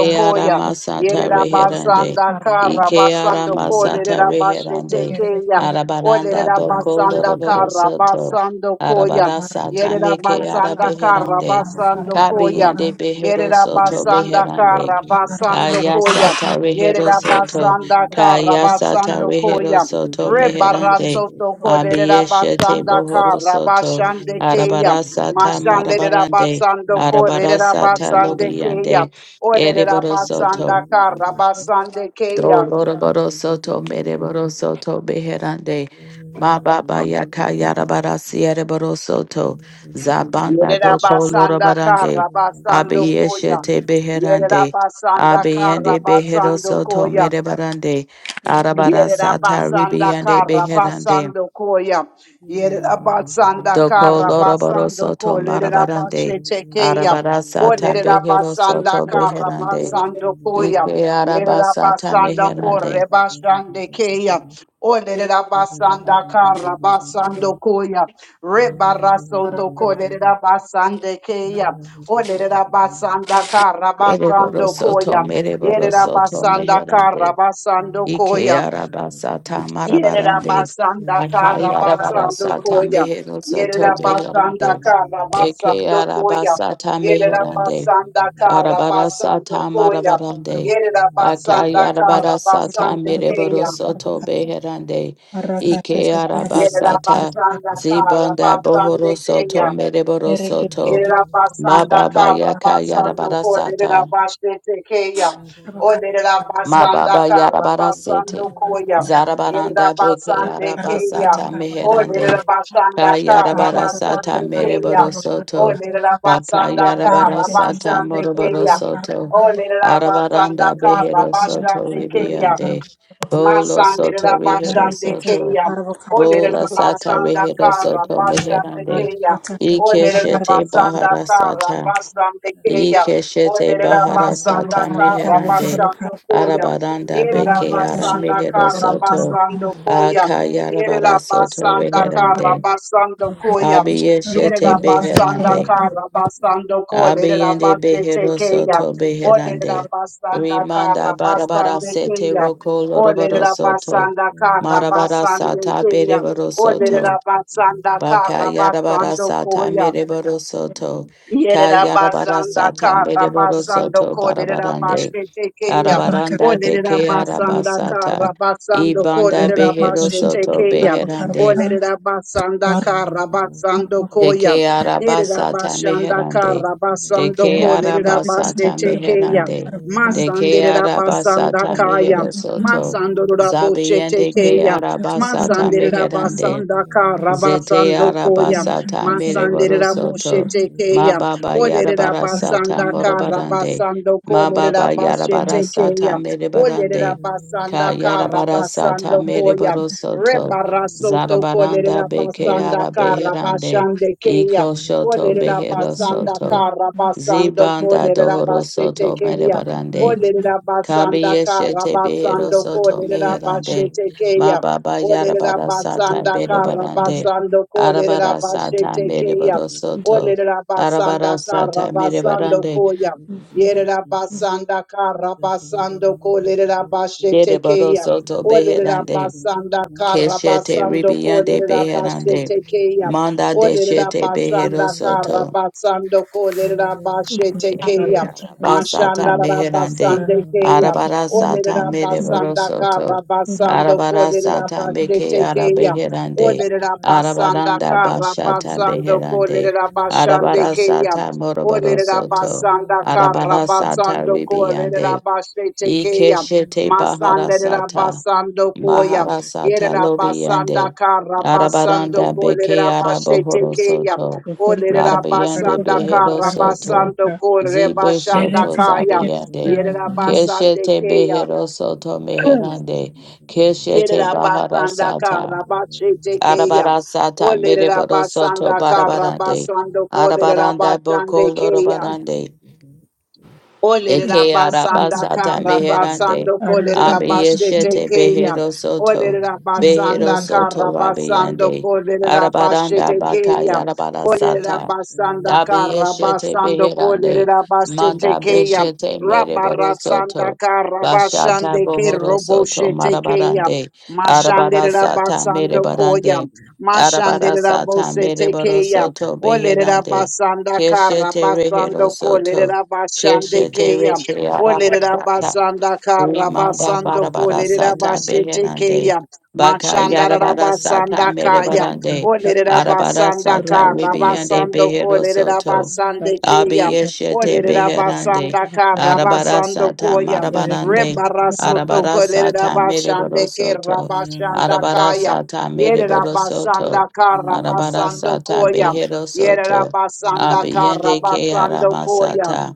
D: Arrakatasa,
E: ara
A: Koya.
E: masata reherande.
A: Yerabasanda
E: Ike ara
A: Karabasando
E: masata
A: Kolerabashete
E: reherande.
A: Kaya.
E: Arabaranda boko
A: Oderabasanda
E: loroboro soto.
A: Karabasando Koya.
E: Arabara sata meke ara
A: Yerabasanda
E: beherande.
A: Karabasando Koya.
E: Kabiyende behero soto
A: Yerabasanda
E: beherande.
A: Karabasando Koya.
E: Kayasata Rehero
A: Yerera
E: Soto,
A: basanda kara
E: Kayasata
A: basando
E: Rehero
A: koya.
E: Soto Meherande,
A: Rebarazo toko lerera
E: Abiyeshete
A: basanda
E: Bohoro
A: kara
E: Soto,
A: basande keya.
E: Arabarasata
A: Mashande lerera
E: Marabarande,
A: basando ko lerera
E: Arabarasata
A: basande keya.
E: Lobiyande,
A: Olerera
E: Ereboro Soto,
A: basanda kara basande keya.
E: Dolora baro soto mere baro soto beherande.
C: Thank you.
E: Ma baba yaka yara bara siere baro soto. Zabanda
A: Yerera
E: doko loro
A: basanda
E: barande.
A: kara basando koya.
E: Abiyeshe te
A: Yerera
E: beherande.
A: basanda kara
E: Abiyende behero
A: basando
E: soto
A: koya.
E: mere barande. Arabara
A: Yerera
E: sata
A: basanda
E: ribiyande
A: kara
E: beherande.
A: basando koya. Yerera basanda
E: Doko
A: kara
E: loro baro
A: basando ko
E: soto
A: lerera
E: marabarande.
A: basete keya.
E: Arabara
A: O
E: sata
A: lerera
E: behero
A: basanda
E: soto
A: kara
E: beherande.
A: basando koya.
E: Ike araba
A: Yerera
E: sata
A: basanda
E: meherande.
A: kore basande keya. O lerera basanda kara basando koya. Rebara soto ko lerera basande keya. O lerera basanda kara
C: Thank
A: basando
C: you.
E: Ereborosoto
A: koya.
E: mereborosoto
A: Yerabasanda
E: meherande.
A: Karabasando
E: Ike
A: Koya.
E: arabasata marabarande.
A: Yerabasanda
E: Akai
A: Karabasando
E: arabarasata
A: Koya.
E: meherosoto
A: Yerabasanda
E: meherande. Eke
A: Karabasando Koya.
E: arabasata meherande.
A: Yerabasanda Karabasando
E: Arabarasata
A: Koya.
E: marabarande. Akai
A: Yerabasanda
E: arabarasata
A: Karabasande Kaya.
E: mereborosoto meherande. Ike arabasata
A: Yerabasanda
E: zibanda
A: Karabasande
E: bohorosoto
A: Kaya.
D: Carbo,
E: mereborosoto.
A: Yerabasanda
E: Mababa yaka
A: Karabasando for
E: yarabarasata.
A: Lerabaste Tekeya. O Lerabasanda
E: Mababa yarabara sete.
A: Karabasando Koya.
E: Zarabaranda beke
A: Yerabasande Keya.
E: yarabasata
A: O
E: meherande.
A: Lerabasanda
E: Kayarabara
C: Thank
E: sata
A: Karabasande Keya.
E: mereboro
A: O
E: soto.
A: lerera
E: Baka
A: basanda kara
E: yarabara sata
A: Karabasande
E: moroboro
A: Keya.
E: soto.
A: O lerera basanda
E: Arabaranda
A: kara
E: behero soto
A: Karabasande Keya.
E: ribiande. Bolo
A: Masandera
E: soto rehero
A: Bashande
E: soto.
A: Kaya. Olera
E: Bola sata
A: Basanda
E: rehero
A: Kara
E: soto
A: Bashande
E: meherande.
A: Kaya. Olera
E: Ikeshete
A: Basanda
E: bahara
A: Kara
E: sata.
A: Bashande Kaya.
E: Ikeshete
A: Olera
E: bahara
A: Basanda
E: sata
A: Kara
E: meherande
A: Bashando Koya.
E: arabaranda
A: Yerera
E: beke ara
A: Basanda
E: mehero
A: Kara
E: soto
A: Bashando Koya.
E: akayarabara
A: Yerera
E: soto
A: Basanda Kara
E: meherande
A: Bashando Koya.
D: Thank
E: abiyeshete
A: Yerera Basanda
E: beherande
A: Kara Bashando Koya. Yerera
E: abiyende
A: Basete
E: behero
A: Kaya.
E: soto
A: Olera
E: beherande
C: you.
A: Basanda
E: rimanda
C: Thank
A: Kara
C: you.
E: barabara
A: Bashande
E: sete
A: Kaya.
E: roko loroboro
A: Olerera
E: soto
A: basanda kara
E: marabara
A: basando
E: sata
A: koya.
E: bereboro soto
A: Olerera basanda kara basando
E: Bakayarabarasata
A: koya.
E: mereborosoto.
A: Yerera basanda
E: Kayarabarasata
A: kara basando
E: mereborosoto
A: kolerera
E: barabarande.
A: basete keya.
E: Arabaranda de
A: Olerera basanda kara
E: kearabasata.
A: basando
E: Ibanda
A: kolerera basete
E: beherosoto
A: keya.
E: beherande.
A: Olerera basanda kara basando
E: De
A: koya. Yerera
E: kearabasata
A: basanda
E: meherande.
A: kara
E: De
A: basando kolerera
E: kearabasata
A: basete keya.
E: meherande. De
A: Masandera basanda
E: kearabasata
A: kaya.
E: meherosoto.
A: Masandora boshete
E: Zabiyende
A: keya.
E: kearabasata
A: Masandera
E: meherande.
A: basanda kara
E: Zete
A: basando
E: araba
A: koya.
E: sata mere
A: Masandera
E: borosoto.
A: boshete
E: Ma
A: keya.
E: baba
A: Olerera
E: yarabara sata
A: basanda kara
E: morobarande.
A: basando
E: Ma
A: kolerera
E: baba yarabara
A: boshete keya.
E: sata mere
A: Olerera
E: barande. Ka
A: basanda kara
E: yarabara
A: basando
E: sata mere
A: koya.
E: borosoto.
A: Rebarasoto
E: Zarabaranda
A: kolerera
E: beke
A: basanda kara
E: arabeherande.
A: basande keya.
E: Iko shoto
A: Olerera basanda
E: beherosoto.
A: kara basando
E: Zibanda
A: kolerera basete
E: dohorosoto mere
A: keya.
E: barande.
A: Olerera
E: Kabi
A: basanda kara
E: yeshete behero
A: basando
E: soto
A: kolerera
E: meherande.
A: basete
E: Ma
A: keya.
E: baba
A: Olerera
E: yarabara sata
A: basanda kara
E: berebarande.
A: basando kolerera
E: Arabara sata
A: basete keya.
E: merebaro soto.
A: Olerera basanda
E: Arabara
A: kara
E: sata
A: basando
E: merebarande.
A: koya. Yerera basanda kara basando kolerera basete
E: Yerebaro
A: keya.
E: soto
A: Olerera
E: beherande.
A: basanda kara
E: Keshete
A: basando
E: ribiyande
A: kolerera
E: beherande.
A: bashete keya.
E: Manda
A: Olerera
E: deshete behero
A: basanda kara
E: soto.
A: basando kolerera bashete keya.
E: Eke
C: Oh,
E: araba
A: Mashanda
E: Basata
A: rara
C: Thank
E: meherande.
A: basande keya.
E: Arabara
D: you.
E: sata
A: Olerera
D: Good
E: mereboro
A: basanda
E: soto.
A: kara basando
E: Arabara
A: kolerera
E: sata meke
A: bashete keya.
E: arabeherande.
A: Olerera basanda
E: Arabaranda
A: kara
E: bashata
A: basando
E: beherande.
A: kolerera bashande
E: Arabara
A: keya.
E: sata moroboro
A: Olerera
E: soto.
A: basanda kara
E: Arabara
A: Olerabasanda
E: sata
A: Karabasando
E: ribiande.
A: Kolerabashe
E: Ike
A: Tekeya.
E: shete bahara
A: Masanda
E: sata.
A: Rabasando Koya.
E: Maharasata
A: Yerabasanda
E: Lobiande
A: Karabasando
E: Arabaranda Beke
A: Kolerabashe
E: Arabohoro
A: Tekeya.
E: Soto Larabiande
A: basando
E: Behero Soto
A: Karabasando
E: Zibe
A: Korebashanda
E: Shoto
A: Kaya.
E: Zabiande
A: Yerabasande
E: Keshete
A: Keya.
E: Behero Soto Meherande Keshete
A: Yerabasanda
E: Baharasata
A: Karabashe Tekeya.
E: Arabarasata Mereboro Soto
A: basando
E: Barabarande
C: you.
A: Karabasando
E: Arabaranda
A: Kolerabasande
E: Boko
A: Keya.
C: Thank you.
E: Lorobarande
A: Olerera
E: Eke
A: basanda
E: arabasata
A: kara
E: meherande.
A: basando kolerera basete
E: Abiyeshete
A: keya.
E: behero soto.
A: Olerera basanda
E: Behero
A: kara
E: soto
A: basando
E: rabiande.
A: kolerera
E: Arabaranda
A: basete
E: baka
A: keya. Olerera
E: yarabarasata.
A: basanda
E: Dabi
A: kara
E: Eshete
A: basando
E: Beherande,
A: kolerera basete
E: Manda
A: keya.
E: Beshete Mereboro Soto,
A: Rabarasandaka
E: Bashata
A: Rabashande Ke
E: Bohoro Soto
A: Roboshete Keya
E: Marabarande,
A: Mashande
E: Arabara Sata
A: Rabasando Koya
E: Merebarande,
A: Mashande
E: Arabara Sata
A: Rabosete
E: Mereboro
A: Keya
E: Soto
A: Ole
E: Beherande,
A: Rabasandaka
E: Keshete Rehero
A: Rabasando Kole
E: Soto,
A: Rabashande
E: Keshete
A: Keya Ole
E: Reke
A: Rabasandaka
E: Rimanda
A: Rabasando Kole
E: barabara sata
A: Rabashete
E: beherande.
A: Keya
E: Baka
A: Mashanda
E: yarabara sata
A: Rabasandakaya
E: merebarande.
A: Ole
E: Arabara sata
A: Rabasandaka
E: ribiande
A: Rabasando
E: behero
A: Kole
E: soto.
A: Rabasande Keya
E: Abiyeshete
C: Thank you.
A: Olerera
E: beherande.
A: basanda kara
E: Arabara
A: basando
E: sata
A: koya.
E: marabarande.
A: Rebarasoto
E: Arabara
A: kolerera
E: sata
A: basande
E: merebaro
A: ke
E: soto.
A: rabashanda
E: Arabara
A: kaya.
E: sata
A: Yerera
E: merebaro
A: basanda
E: soto.
A: kara
E: Arabara
A: basando
E: sata
A: koya.
E: behero
A: Yerera
E: soto.
A: basanda kara
E: Abiyende ke
A: basando koya.
E: aramasata.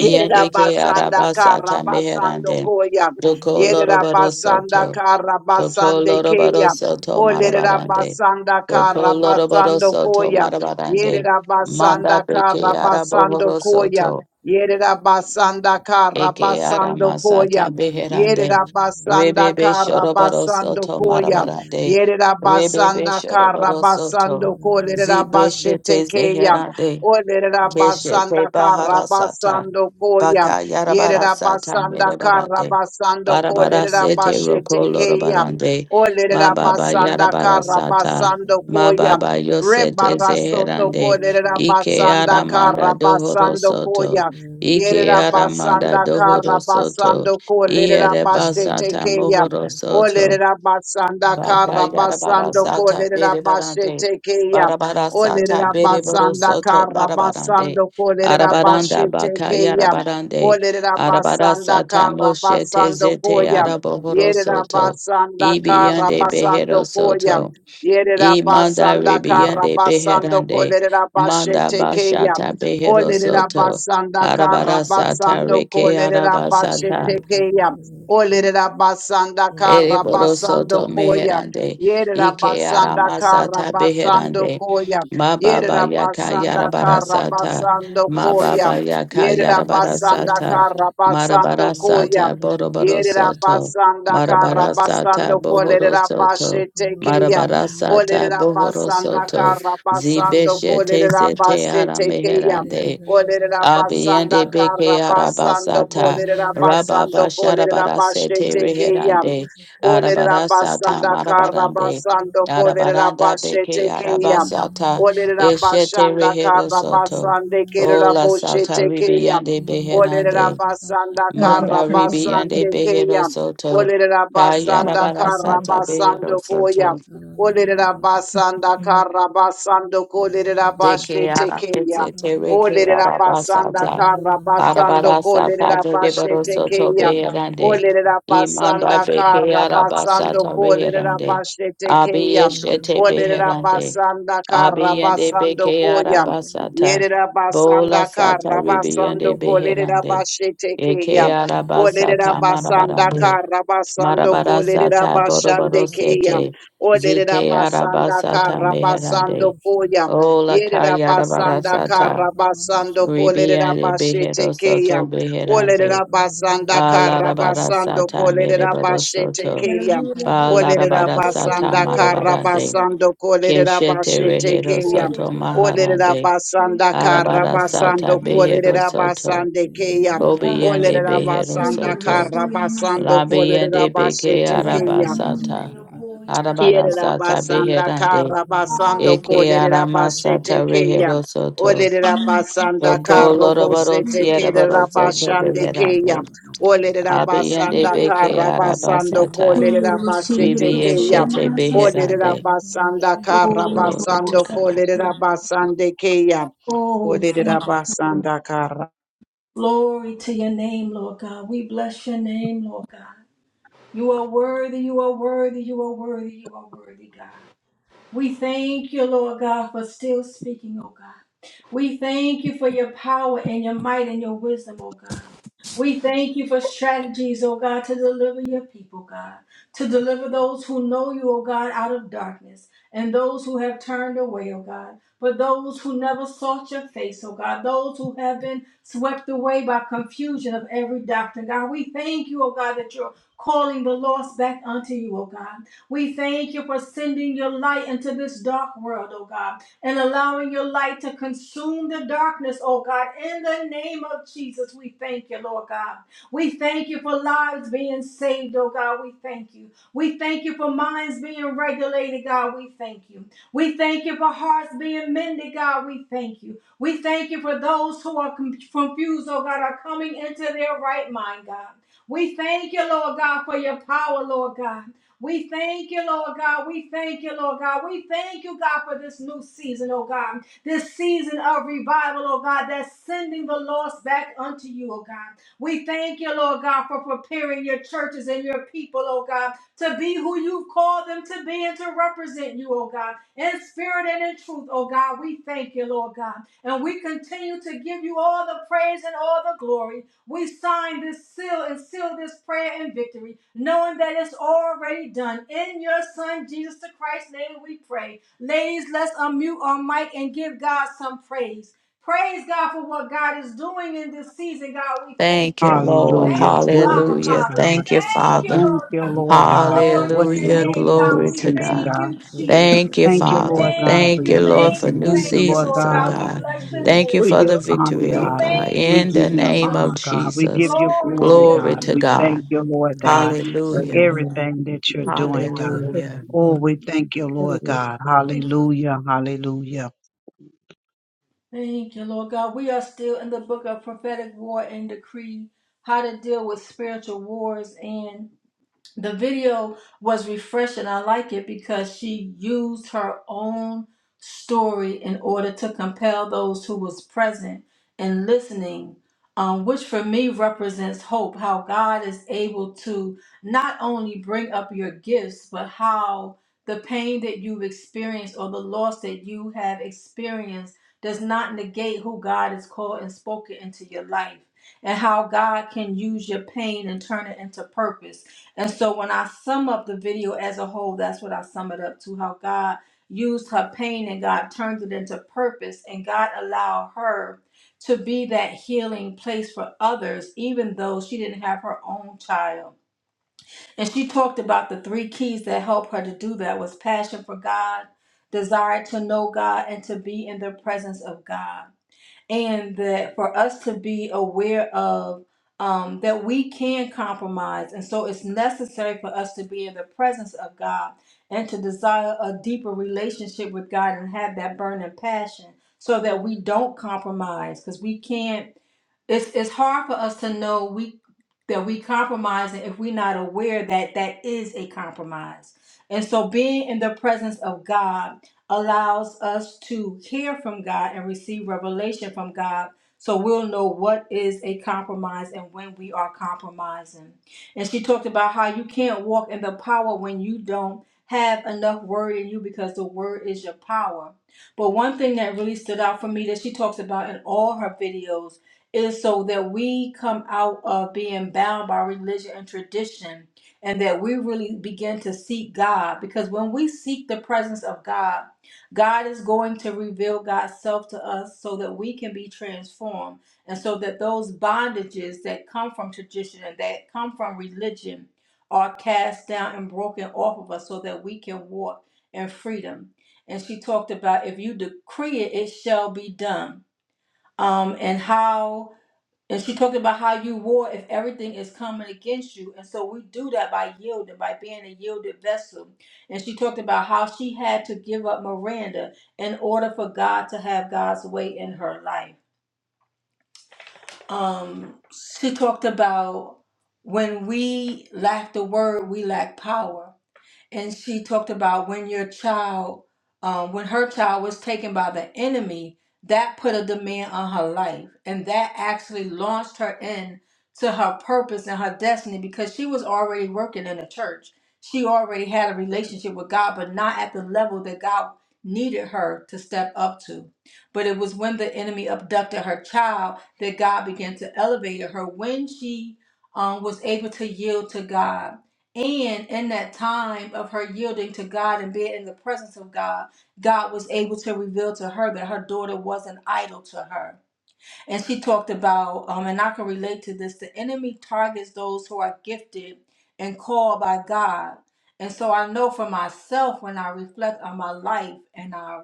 A: Yerera
E: ke
A: basanda kara
E: arabasata
A: basando
E: meherande.
A: koya.
E: Doko
A: Yerera
E: lorobaro
A: basanda
E: soto.
A: kara
E: Doko
A: basande
E: lorobaro
A: keya.
E: soto
A: Olerera
E: marabarande.
A: basanda
E: Doko
A: kara
E: lorobaro
A: basando
E: soto
A: koya.
E: marabarande.
A: Yerera basanda
E: Manda
A: kara
E: beke
A: basando
E: arabohoro
A: koya.
E: soto.
A: Yerera basanda kara
E: Eke
A: basando koya.
E: aramasata
A: Yere
E: beherande.
A: Yerabasanda
E: Rebebe shorobaro
A: Karabasando
E: soto
A: Koya.
E: marabarande.
A: yere
E: Rebebe
A: Yerabasanda
E: shorobaro
A: Karabasando
E: soto.
C: Thank
E: Zibeshete
A: Kolerabashetekeya.
E: zeherande.
A: Olerabasanda
E: Keshete baharasata.
A: Karabasando Koya.
E: Baka
A: yere
E: yarabara sata
A: Yerabasanda
E: mere barande.
A: Karabasando
E: Barabara sete roko loro
A: Kolerabashetekeya.
E: barande. Ma baba
A: Olerabasanda
E: yarabara sata.
A: Karabasando
E: Ma
A: Koya.
E: baba yosete
A: Rebarasoto
E: zeherande.
A: Korera
E: Ike
A: Basanda
E: yaramanda dohoro
A: Karabasando
E: soto.
A: Koya.
E: Ike
A: Yerera
E: yaramanda
A: Basanda
E: dohoro soto.
A: Karabasando Korera
E: Iere
A: Baste
E: basata
A: Tekeya.
E: mohoro
C: you.
E: soto.
A: Olerera Basanda Karabasando
E: Bakayarabarasata
A: Korera Baste
E: berebarande.
A: Tekeya.
E: Barabarasata
A: Olerera Basanda
E: bereborosoto barabarande.
A: Karabasando Korera
E: Arabaranda
A: Baste Tekeya.
E: bakayarabarande.
A: Olerera basanda
E: Arabarasata
A: kara
E: moshete
A: basando
E: zete
A: koya. Yerera
E: araborosoto.
A: basanda kara
E: ibiande
A: basando koya.
E: beherosoto.
A: Yerera
E: Imanda
A: basanda kara
E: rebiyande
A: basando
E: beherande.
A: kolerera
E: Manda
A: basete keya.
E: bashata
A: Olerera
E: beherosoto.
A: basanda kara
E: Arabarasata
A: basando
E: reke
A: kolerera
E: arabasata.
A: basete keya. Olerera basanda kara
E: Ereboro
A: basando
E: soto
A: koya.
E: meherande.
A: Yerera
E: Ike
A: basanda
C: Shit.
A: kara
E: aramasata
A: basando
E: beherande.
A: koya.
E: Mababa
A: Yerera
E: yaka
A: basanda kara
E: yarabarasata.
A: basando koya.
E: Mababa yaka
A: Yerera basanda
E: yarabarasata.
A: kara basando koya.
E: Marabarasata boroboro
A: Yerera
E: soto.
A: basanda kara basando
E: Marabarasata bohoro
A: kolerera
E: soto.
A: basete keya.
E: Marabarasata
A: Olerera
E: bohoro
A: basanda
E: soto.
A: kara basando
E: Zibeshete
A: kolerera
E: zete
A: basete keya.
E: arameherande.
A: Olerera basanda
E: Abiende
A: kara
E: beke
A: basando
E: arabasata
A: kolerera basando
E: rababa
A: kolerera
E: sharabara sete
A: basete keya.
E: reherande
A: Olerera
E: arabarasata
A: basanda karra
E: marabarande
A: basando kolerera
E: arabaranda beke
A: başete keyam.
E: arabasata
A: Olerera
E: eshete
A: basanda
E: rehero
C: Yeah,
A: karra
E: soto
A: basande kerera
E: ola sata
A: boşete keyam.
E: ribiande
A: Olerera
E: beherande
A: basanda
E: manda
A: karra basande
E: ribiande behero
A: keyam.
E: soto
A: Olerera basanda
E: kayarabara
A: karra
E: sata
A: basando
E: behero
A: koyam.
E: soto
A: Olerera basanda karra basando kolerera
E: deke
A: başete keyam.
E: arabesete reke
A: Olerera basanda
E: arabasata
A: kara basando
E: Arabarasa
A: kolerera
E: tande de
A: bashete
E: boroso to
A: keya.
E: beherande.
A: Olerera basanda
E: Imanda beke
A: kara
E: arabasa
A: basando
E: to
A: kolerera
E: beherande.
A: bashete keya.
E: Abiyeshete
A: Olerera
E: beherande.
A: basanda kara
E: Abiyende
A: basando
E: beke
A: koya.
E: arabasata.
A: Yerera
E: Bola
A: basanda Yerabasanda
E: sata
A: Karabasando
E: ribiyende
A: Kolerida
E: beherande. Eke
A: Bashetekeya. Olerida
E: arabasata
A: Basanda
E: marabarande.
A: kara basando Karabasando
C: Oh,
A: Kolerida
E: Marabarasata
A: Bashandekeya.
E: boroborosete.
A: Olerida
E: Zite
A: Basanda
E: arabasata
A: Karabasando
E: meherande.
A: Koya.
E: Ola
A: Yerida Basanda
E: kayarabarasata.
A: kara basando Karabasando Kolerida
E: Ribiyende
A: Bashetekeya.
E: beherosoto
A: Olerida
E: beherande.
A: Basanda
E: Balarabara
A: Karabasando
E: sata
A: Kolerida
E: merebado soto.
A: Bashetekeya. Olerida
E: Balarabara sata
A: Basanda
E: marabarande.
A: Karabasando Kolerida
E: Keshete rehero
A: Bashetekeya.
E: soto
A: Olerera
E: maharande.
A: basanda kara
E: Arabara
A: basando
E: sata behero
A: kolerera
E: soto.
A: basande keya.
E: Kobiyande
A: Olerera
E: behero
A: basanda
E: soto.
A: kara basando kolerera
E: Labiyande beke
A: basete keya.
E: arabasata. Arabara
A: Kierera
E: sata
A: basanda
E: beherande.
A: kara basando
E: Eke
A: kolerera basete
E: aramasata
A: keya.
E: rehero soto.
A: Olerera basanda
E: Roko
A: karo
E: lorobaro
A: bosete kerera
E: sierabaro soto
A: basande keya.
E: beherande.
A: Olerera
E: Abiyande
A: basanda
E: beke
A: kara
C: Thank you,
A: basando
E: arabasata.
A: kolerera basete
E: Vivi
A: keya.
E: Shete
B: Gracias.
A: Olerera
E: Beherande.
A: basanda kara
E: Glory to
A: basando
B: Oh,
E: God.
A: kolerera basande keya. Olerera
B: thank you.
A: basanda kara.
B: Glory to your name, Lord God. We bless your name, Lord God. You are worthy, you are worthy, you are worthy, you are worthy, God. We thank you, Lord God, for still speaking, oh God. We thank you for your power and your might and your wisdom, oh God. We thank you for strategies, oh God, to deliver your people, God, to deliver those who know you, oh God, out of darkness, and those who have turned away, oh God, for those who never sought your face, oh God, those who have been swept away by confusion of every doctrine, God. We thank you, oh God, that you're calling the lost back unto you, oh God. We thank you for sending your light into this dark world, oh God, and allowing your light to consume the darkness, oh God. In the name of Jesus, we thank you, Lord God. We thank you for lives being saved, oh God. We thank you. We thank you for minds being regulated, God. We thank you. We thank you for hearts being mended, God. We thank you. We thank you for those who are com- confused, oh God, are coming into their right mind, God. We thank you, Lord God, for your power, Lord God. We thank you, Lord God. We thank you, Lord God. We thank you, God, for this new season, oh God. This season of revival, oh God, that's sending the lost back unto you, oh God. We thank you, Lord God, for preparing your churches and your people, oh God, to be who you've called them to be and to represent you, oh God, in spirit and in truth, oh God. We thank you, Lord God. And we continue to give you all the praise and all the glory. We sign this seal and seal this prayer in victory, knowing that it's already done. In your Son, Jesus the Christ's name, we pray. Ladies, let's unmute our mic and give God some praise. Praise God for what God is doing in this season. God, we thank
E: Thank you,
B: you.
E: Lord.
A: Hallelujah.
B: Thank you,
A: Glory
B: our
A: to
E: Hallelujah.
B: Father. We
A: God.
E: Thank you,
B: thank you,
E: Father.
A: Thank
B: Lord
A: you,
B: God.
H: Thank
A: Lord
C: Lord.
A: God,
H: you.
A: for
B: Glory
A: what
B: to
A: you're
C: Thank
B: your
E: Hallelujah.
H: Thank
C: you,
H: you
B: name,
H: for
A: doing
H: your
B: God.
E: Glory
C: Father.
A: this
B: We
E: to
A: season,
H: forgiveness.
E: God.
B: thank
A: God.
B: you,
C: Thank you
B: Jesus.
E: Thank
C: for
E: you,
A: Thank
H: Thank
A: you,
H: you,
C: answering
E: Father.
A: Lord
H: Lord, for
C: prayers,
A: God,
H: your
A: for
B: Thank
E: Thank
B: you,
E: you,
A: your
C: Lord
H: faithfulness.
E: Lord,
C: God. The
B: thank
E: for
H: Thank
A: blessing.
B: you,
H: you,
C: ones
E: new
H: Lord,
A: Thank
C: that
H: for
A: you,
B: thank
C: have
B: you,
C: been
A: Lord
H: your forgiveness.
E: seasons,
B: Lord
E: oh
A: God,
B: God.
C: conveyed
B: We
C: in
H: Thank
E: God.
C: the
H: you,
B: bless your
H: Lord.
C: spirit,
E: Thank
B: name,
E: you
A: for
E: for
B: God.
E: the
A: your
C: that will be
A: honor,
H: Thank
E: victory,
H: you,
B: We
E: oh
H: Lord.
A: God.
C: manifested
E: God.
B: thank
C: in
A: We
B: you,
E: In
C: the
A: give
E: the
A: you
C: natural.
E: name of
B: Jesus.
H: Thank
A: honor,
H: you,
A: God. We
H: Lord.
A: give
E: Jesus.
C: Thank
A: you
C: you for
H: Thank
B: Glory
C: the
B: to
A: glory,
C: victory,
H: you,
B: your
E: Glory
A: God.
E: to
B: name,
A: We
C: Lord.
B: God.
E: God.
A: thank you,
H: Lord.
C: In
A: Lord
C: the
A: God,
C: name
B: Thank you,
C: of
A: for
H: Give you
E: Hallelujah.
C: Jesus.
B: Jesus.
H: honor,
A: everything
H: give you
A: that you're
H: praise, we
A: doing,
H: bless the
C: Thank
A: God.
H: Lord,
C: you
E: Hallelujah.
H: God. We
A: Oh,
H: Thank
A: we
H: you,
A: thank you, Lord God.
H: Jesus.
B: Thank you.
A: Hallelujah. Hallelujah.
B: Thank you, Lord God. We are still in the book of prophetic war and decree how to deal with spiritual wars. and. the video was refreshing. I like it because she used her own story in order to compel those who was present and listening, um, which for me represents hope. How God is able to not only bring up your gifts, but how the pain that you've experienced or the loss that you have experienced does not negate who God has called and spoken into your life, and how God can use your pain and turn it into purpose and so when I sum up the video as a whole, that's what I sum it up to how God used her pain and God turned it into purpose and God allowed her to be that healing place for others, even though she didn't have her own child. And she talked about the three keys that helped her to do that was passion for God, desire to know God, and to be in the presence of God and that for us to be aware of um, that we can compromise. And so it's necessary for us to be in the presence of God and to desire a deeper relationship with God and have that burning passion so that we don't compromise because we can't it's it's hard for us to know we that we compromising if we're not aware that that is a compromise. And so being in the presence of God allows us to hear from God and receive revelation from God. So we'll know what is a compromise and when we are compromising. And she talked about how you can't walk in the power when you don't have enough word in you because the word is your power. But one thing that really stood out for me that she talks about in all her videos is so that we come out of being bound by religion and tradition and that we really begin to seek God because when we seek the presence of God God is going to reveal God's self to us so that we can be transformed and so that those bondages that come from tradition and that come from religion are cast down and broken off of us so that we can walk in freedom. And she talked about if you decree it, it shall be done. Um, and how and she talked about how you war if everything is coming against you. And so we do that by yielding, by being a yielded vessel. And she talked about how she had to give up Miranda in order for God to have God's way in her life. Um, she talked about when we lack the word, we lack power and she talked about when your child, um, when her child was taken by the enemy, that put a demand on her life, and that actually launched her in to her purpose and her destiny because she was already working in the church. She already had a relationship with God, but not at the level that God needed her to step up to. But it was when the enemy abducted her child that God began to elevate her when she um, was able to yield to God and in that time of her yielding to God and being in the presence of God, God was able to reveal to her that her daughter was an idol to her. And she talked about, um, and I can relate to this the enemy targets those who are gifted and called by God. And so I know for myself when I reflect on my life and I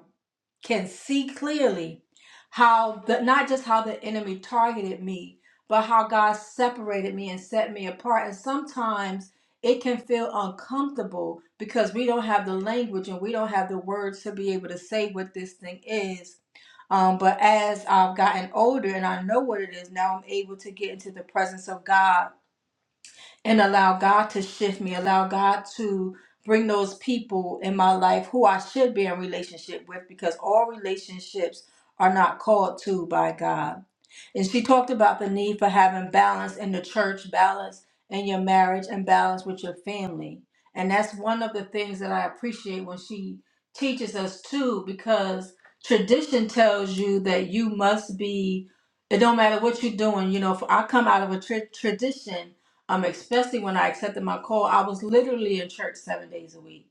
B: can see clearly how the not just how the enemy targeted me, but how God separated me and set me apart. And sometimes it can feel uncomfortable because we don't have the language and we don't have the words to be able to say what this thing is. Um, but as I've gotten older and I know what it is, now I'm able to get into the presence of God and allow God to shift me, allow God to bring those people in my life who I should be in relationship with because all relationships are not called to by God. And she talked about the need for having balance in the church, balance in your marriage, and balance with your family. And that's one of the things that I appreciate when she teaches us too, because tradition tells you that you must be, it don't matter what you're doing. You know, if I come out of a tra- tradition, um, especially when I accepted my call, I was literally in church seven days a week.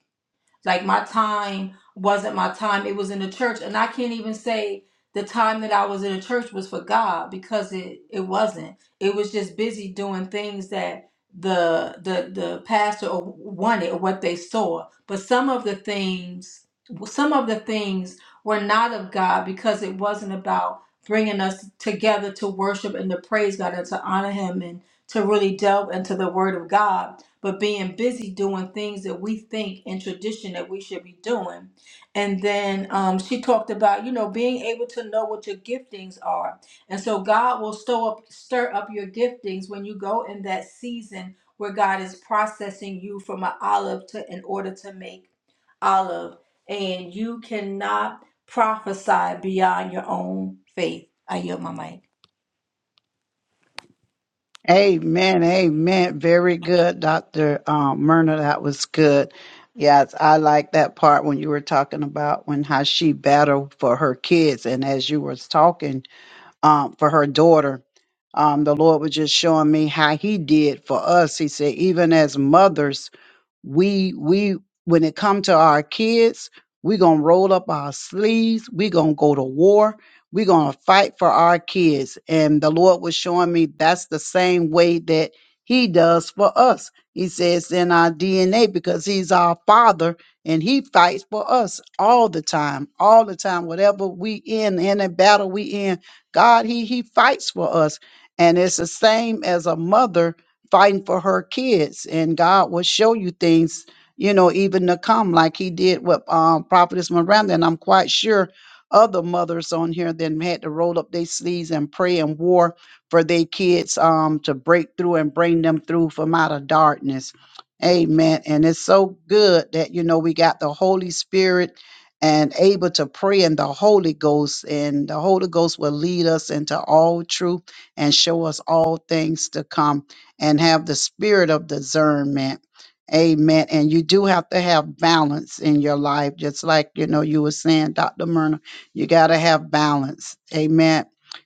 B: Like my time wasn't my time. It was in the church. And I can't even say the time that I was in the church was for God because it, it wasn't. It was just busy doing things that the the the pastor or wanted or what they saw. But some of the things some of the things were not of God because it wasn't about bringing us together to worship and to praise God and to honor him and to really delve into the word of God but being busy doing things that we think in tradition that we should be doing. And then um, she talked about, you know, being able to know what your giftings are. And so God will stir up, stir up your giftings when you go in that season where God is processing you from an olive to in order to make olive. And you cannot prophesy beyond your own faith. I yield my mic.
A: Amen. Amen. Very good, Dr. Um, Myrna. That was good. Yes, I like that part when you were talking about when how she battled for her kids. And as you were talking, um, for her daughter. Um, the Lord was just showing me how He did for us. He said, even as mothers, we we when it come to our kids we gonna roll up our sleeves we gonna go to war we gonna fight for our kids and the lord was showing me that's the same way that he does for us he says in our dna because he's our father and he fights for us all the time all the time whatever we in in a battle we in god he he fights for us and it's the same as a mother fighting for her kids and god will show you things you know even to come like he did with um, prophetess miranda and i'm quite sure other mothers on here then had to roll up their sleeves and pray and war for their kids um, to break through and bring them through from out of darkness amen and it's so good that you know we got the holy spirit and able to pray in the holy ghost and the holy ghost will lead us into all truth and show us all things to come and have the spirit of discernment. Amen. And you do have to have balance in your life, just like you know you were saying, Dr. Myrna. You got to have balance. Amen.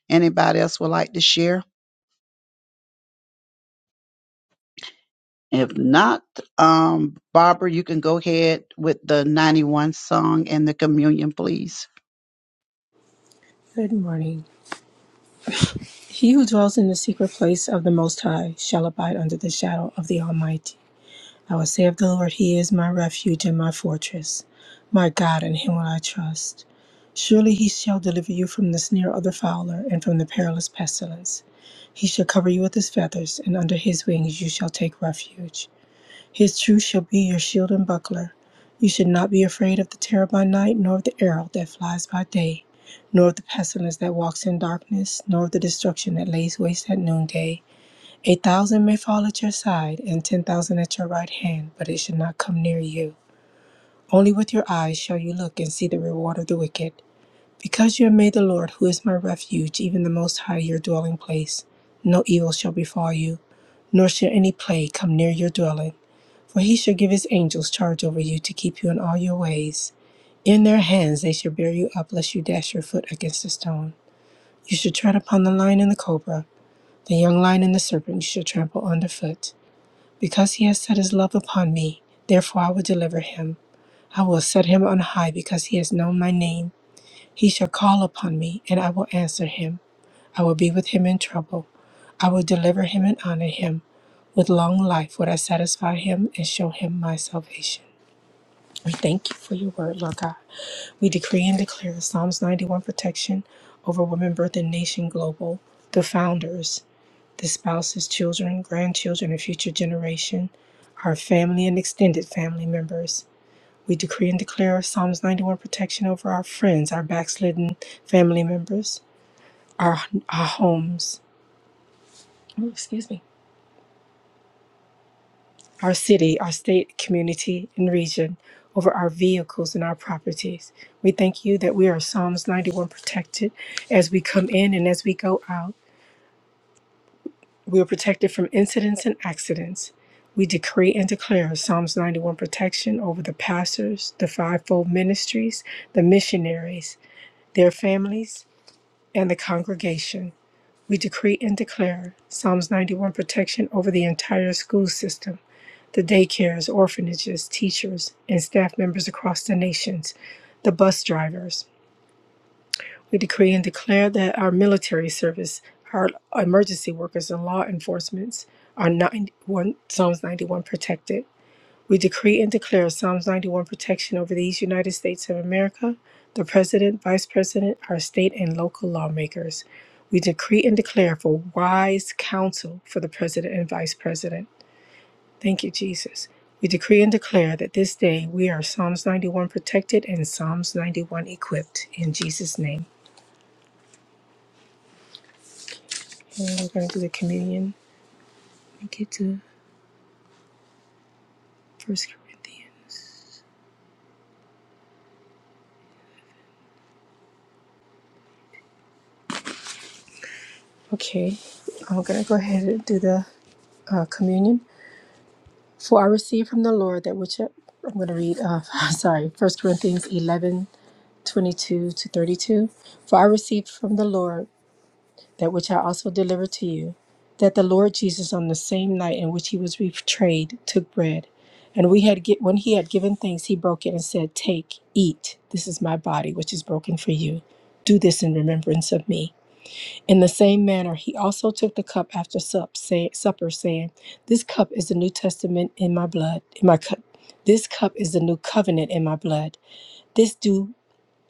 A: Anybody else would like to share? If not, um, Barbara, you can go ahead with the 91 song and the communion, please.
D: morning. He who dwells in the secret place of the Most High shall abide under the shadow of the Almighty. I will say of the Lord, He is my refuge and my fortress, my God, in Him will I trust. Surely He shall deliver you from the snare of the fowler and from the perilous pestilence. He shall cover you with His feathers, and under His wings you shall take refuge. His truth shall be your shield and buckler. You should not be afraid of the terror by night, nor of the arrow that flies by day, nor of the pestilence that walks in darkness, nor of the destruction that lays waste at noonday. A thousand may fall at your side, and ten thousand at your right hand, but it shall not come near you. Only with your eyes shall you look and see the reward of the wicked. Because you have made the Lord, who is my refuge, even the Most High, your dwelling place, no evil shall befall you, nor shall any plague come near your dwelling. For he shall give his angels charge over you to keep you in all your ways. In their hands they shall bear you up, lest you dash your foot against a stone. You shall tread upon the lion and the cobra, the young lion and the serpent you shall trample underfoot. Because he has set his love upon me, therefore I will deliver him. I will set him on high, because he has known my name. He shall call upon me, and I will answer him. I will be with him in trouble. I will deliver him and honor him. With long life would I satisfy him and show him my salvation. We thank you for your word, Lord God. We decree and declare Psalms 91 protection over women, birth, and nation global, the founders, the spouses, children, grandchildren, and future generation, our family and extended family members. We decree and declare Psalms 91 protection over our friends, our backslidden family members, our, our homes. Oh, excuse me our city, our state, community, and region, over our vehicles and our properties. We thank you that we are Psalms 91 protected as we come in and as we go out. We are protected from incidents and accidents. We decree and declare Psalms 91 protection over the pastors, the fivefold ministries, the missionaries, their families, and the congregation. We decree and declare Psalms 91 protection over the entire school system. the daycares, orphanages, teachers, and staff members across the nations, the bus drivers. We decree and declare that our military service, our emergency workers, and law enforcement are 91, Psalms 91 protected. We decree and declare Psalms 91 protection over these United States of America, the President, Vice President, our state and local lawmakers. We decree and declare for wise counsel for the President and Vice President Thank you, Jesus. We decree and declare that this day we are Psalms 91 protected and Psalms 91 equipped in Jesus' name. And we're going to do the communion. We get to First Corinthians. Okay, I'm going to go ahead and do the uh, communion. For I received from the Lord that which I, I'm going to read, uh, sorry, First Corinthians 11 22 to 32. For I received from the Lord. that which I also delivered to you, that the Lord Jesus, on the same night in which he was betrayed, took bread, and we had gi- when he had given thanks, he broke it and said, "Take, eat. This is my body, which is broken for you. Do this in remembrance of me." In the same manner, he also took the cup after sup, say, supper, saying, "This cup is the New Testament in my blood. In my cup, this cup is the new covenant in my blood. This do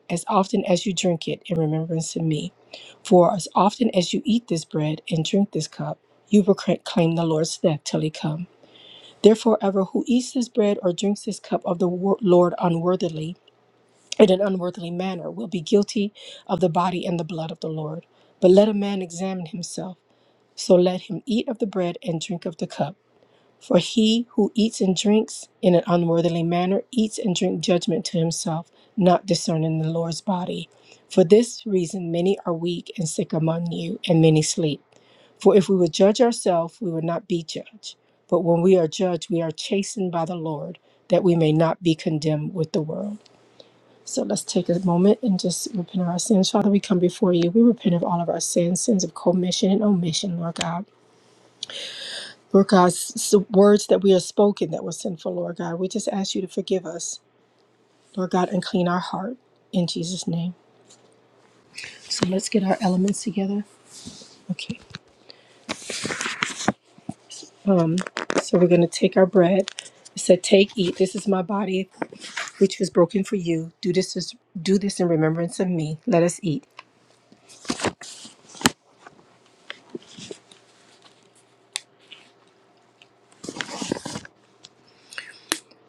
D: as often as you drink it in remembrance of me. For as often as you eat this bread and drink this cup, you proclaim the Lord's death till he come. Therefore, ever who eats this bread or drinks this cup of the wor- Lord unworthily, in an unworthily manner, will be guilty of the body and the blood of the Lord. But let a man examine himself, so let him eat of the bread and drink of the cup. For he who eats and drinks in an unworthily manner eats and drinks judgment to himself, not discerning the Lord's body. For this reason, many are weak and sick among you, and many sleep. For if we would judge ourselves, we would not be judged. But when we are judged, we are chastened by the Lord, that we may not be condemned with the world. So let's take a moment and just repent of our sins. Father, we come before you. We repent of all of our sins, sins of commission and omission, Lord God. Lord God, s- s- words that we have spoken that were sinful, Lord God, we just ask you to forgive us, Lord God, and clean our heart in Jesus' name. So let's get our elements together. Okay. So we're going to take our bread. It said, "Take, eat. This is my body, which was broken for you. Do this is, do this in remembrance of me. Let us eat."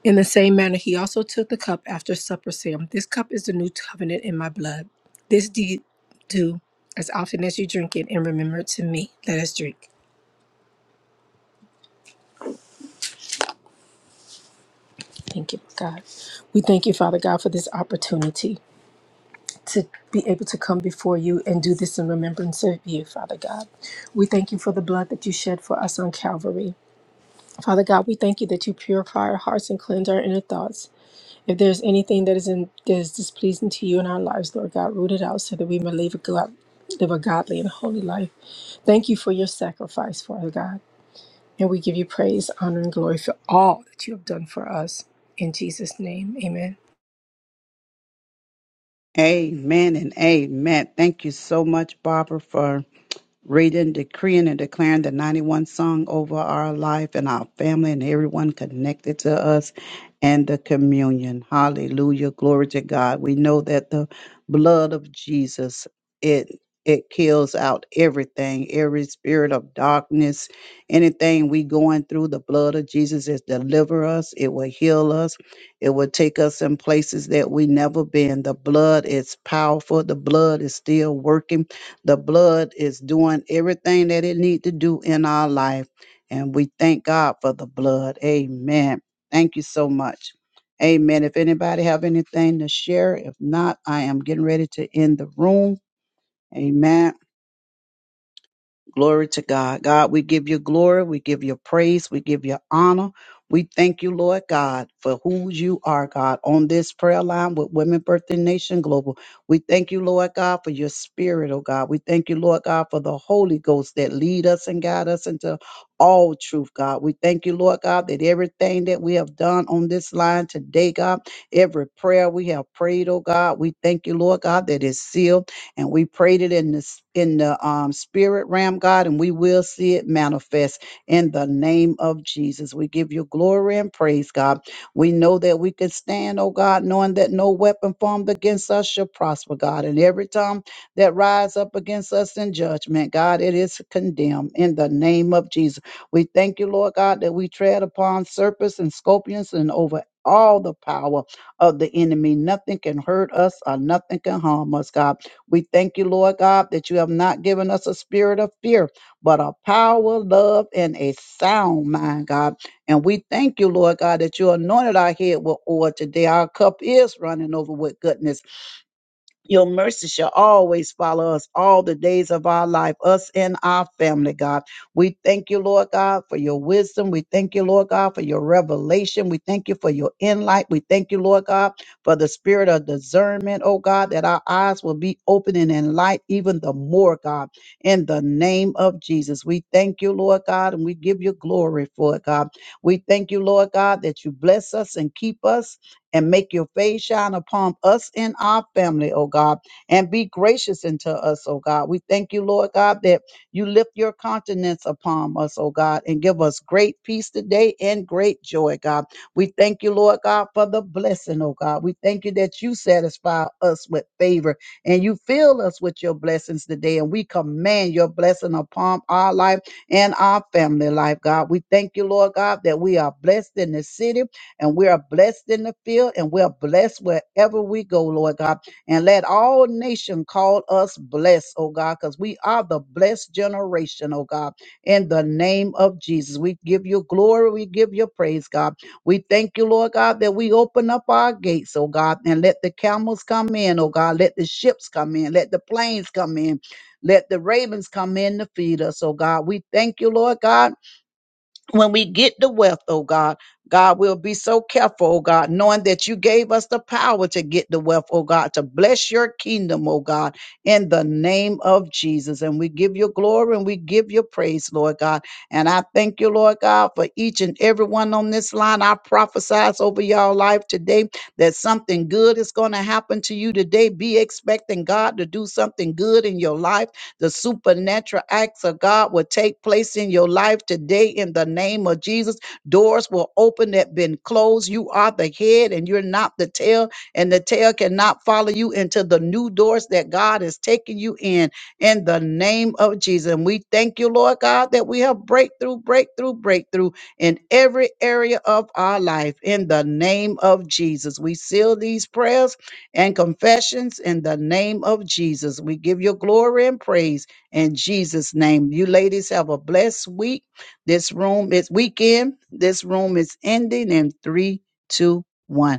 D: In the same manner, he also took the cup after supper, saying, "This cup is the new covenant in my blood. This deed do as often as you drink it in remembrance of me. Let us drink." Thank you, God. We thank you, Father God, for this opportunity to be able to come before you and do this in remembrance of you, Father God. We thank you for the blood that you shed for us on Calvary. Father God, we thank you that you purify our hearts and cleanse our inner thoughts. If there's anything that is in, that is displeasing to you in our lives, Lord God, root it out so that we may live a, god, live a godly and holy life. Thank you for your sacrifice, Father God. And we give you praise, honor, and glory for all that you have done for us. In Jesus' name, amen.
A: Amen and amen. Thank you so much, Barbara, for reading, decreeing, and declaring the 91 song over our life and our family and everyone connected to us and the communion. Hallelujah. Glory to God. We know that the blood of Jesus, it it kills out everything, every spirit of darkness, anything we going through, the blood of Jesus is deliver us, it will heal us, it will take us in places that we never been. The blood is powerful, the blood is still working the blood is doing everything that it need to do in our life. And we thank God for the blood. Amen. Thank you so much. Amen. If anybody have anything to share, if not, I am getting ready to end the room. Amen. Glory to God. God, we give you glory. We give you praise. We give you honor. We thank you, Lord God, for who you are, God, on this prayer line with Women Birthing Nation Global. We thank you, Lord God, for your spirit, oh God. We thank you, Lord God, for the Holy Ghost that lead us and guide us into all truth, God. We thank you, Lord God, that everything that we have done on this line today, God, every prayer we have prayed, oh God, we thank you, Lord God, that is sealed and we prayed it in the s- in the um, spirit realm, God, and we will see it manifest in the name of Jesus. We give you glory and praise, God. We know that we can stand, oh God, knowing that no weapon formed against us shall prosper, God, and every tongue that rise up against us in judgment, God, it is condemned in the name of Jesus. We thank you, Lord God, that we tread upon serpents and scorpions and over. All the power of the enemy. Nothing can hurt us or nothing can harm us, God. We thank you, Lord God, that you have not given us a spirit of fear, but a power, love, and a sound mind, God. And we thank you, Lord God, that you anointed our head with oil today. Our cup is running over with goodness. Your mercy shall always follow us all the days of our life, us and our family, God. We thank you, Lord God, for your wisdom. We thank you, Lord God, for your revelation. We thank you for your inlight. We thank you, Lord God, for the spirit of discernment, oh God, that our eyes will be open and enlightened even the more, God, in the name of Jesus. We thank you, Lord God, and we give you glory for it, God. We thank you, Lord God, that you bless us and keep us and make your face shine upon us and our family, oh God, and be gracious unto us, oh God. We thank you, Lord God, that you lift your countenance upon us, oh God, and give us great peace today and great joy, God. We thank you, Lord God, for the blessing, oh God. We thank you that you satisfy us with favor and you fill us with your blessings today, and we command your blessing upon our life and our family life, God. We thank you, Lord God, that we are blessed in the city and we are blessed in the field and we're blessed wherever we go, Lord God. And let all nation call us blessed, oh God, because we are the blessed generation, oh God. In the name of Jesus, we give you glory. We give you praise, God. We thank you, Lord God, that we open up our gates, oh God, and let the camels come in, oh God. Let the ships come in. Let the planes come in. Let the ravens come in to feed us, oh God. We thank you, Lord God when we get the wealth, oh God, God, we'll be so careful, oh God, knowing that you gave us the power to get the wealth, oh God, to bless your kingdom, oh God, in the name of Jesus. And we give you glory and we give you praise, Lord God. And I thank you, Lord God, for each and every one on this line. I prophesize over y'all life today that something good is going to happen to you today. Be expecting God to do something good in your life the supernatural acts of God will take place in your life today in the name of Jesus. Doors will open that been closed. You are the head and you're not the tail, and the tail cannot follow you into the new doors that God is taking you in in the name of Jesus. And we thank you, Lord God, that we have breakthrough, breakthrough, breakthrough in every area of our life in the name of Jesus. We seal these prayers and confessions in the name of Jesus. We give you glory and praise in Jesus' name. You ladies have a blessed week. This room is weekend. This room is ending in three, two, one.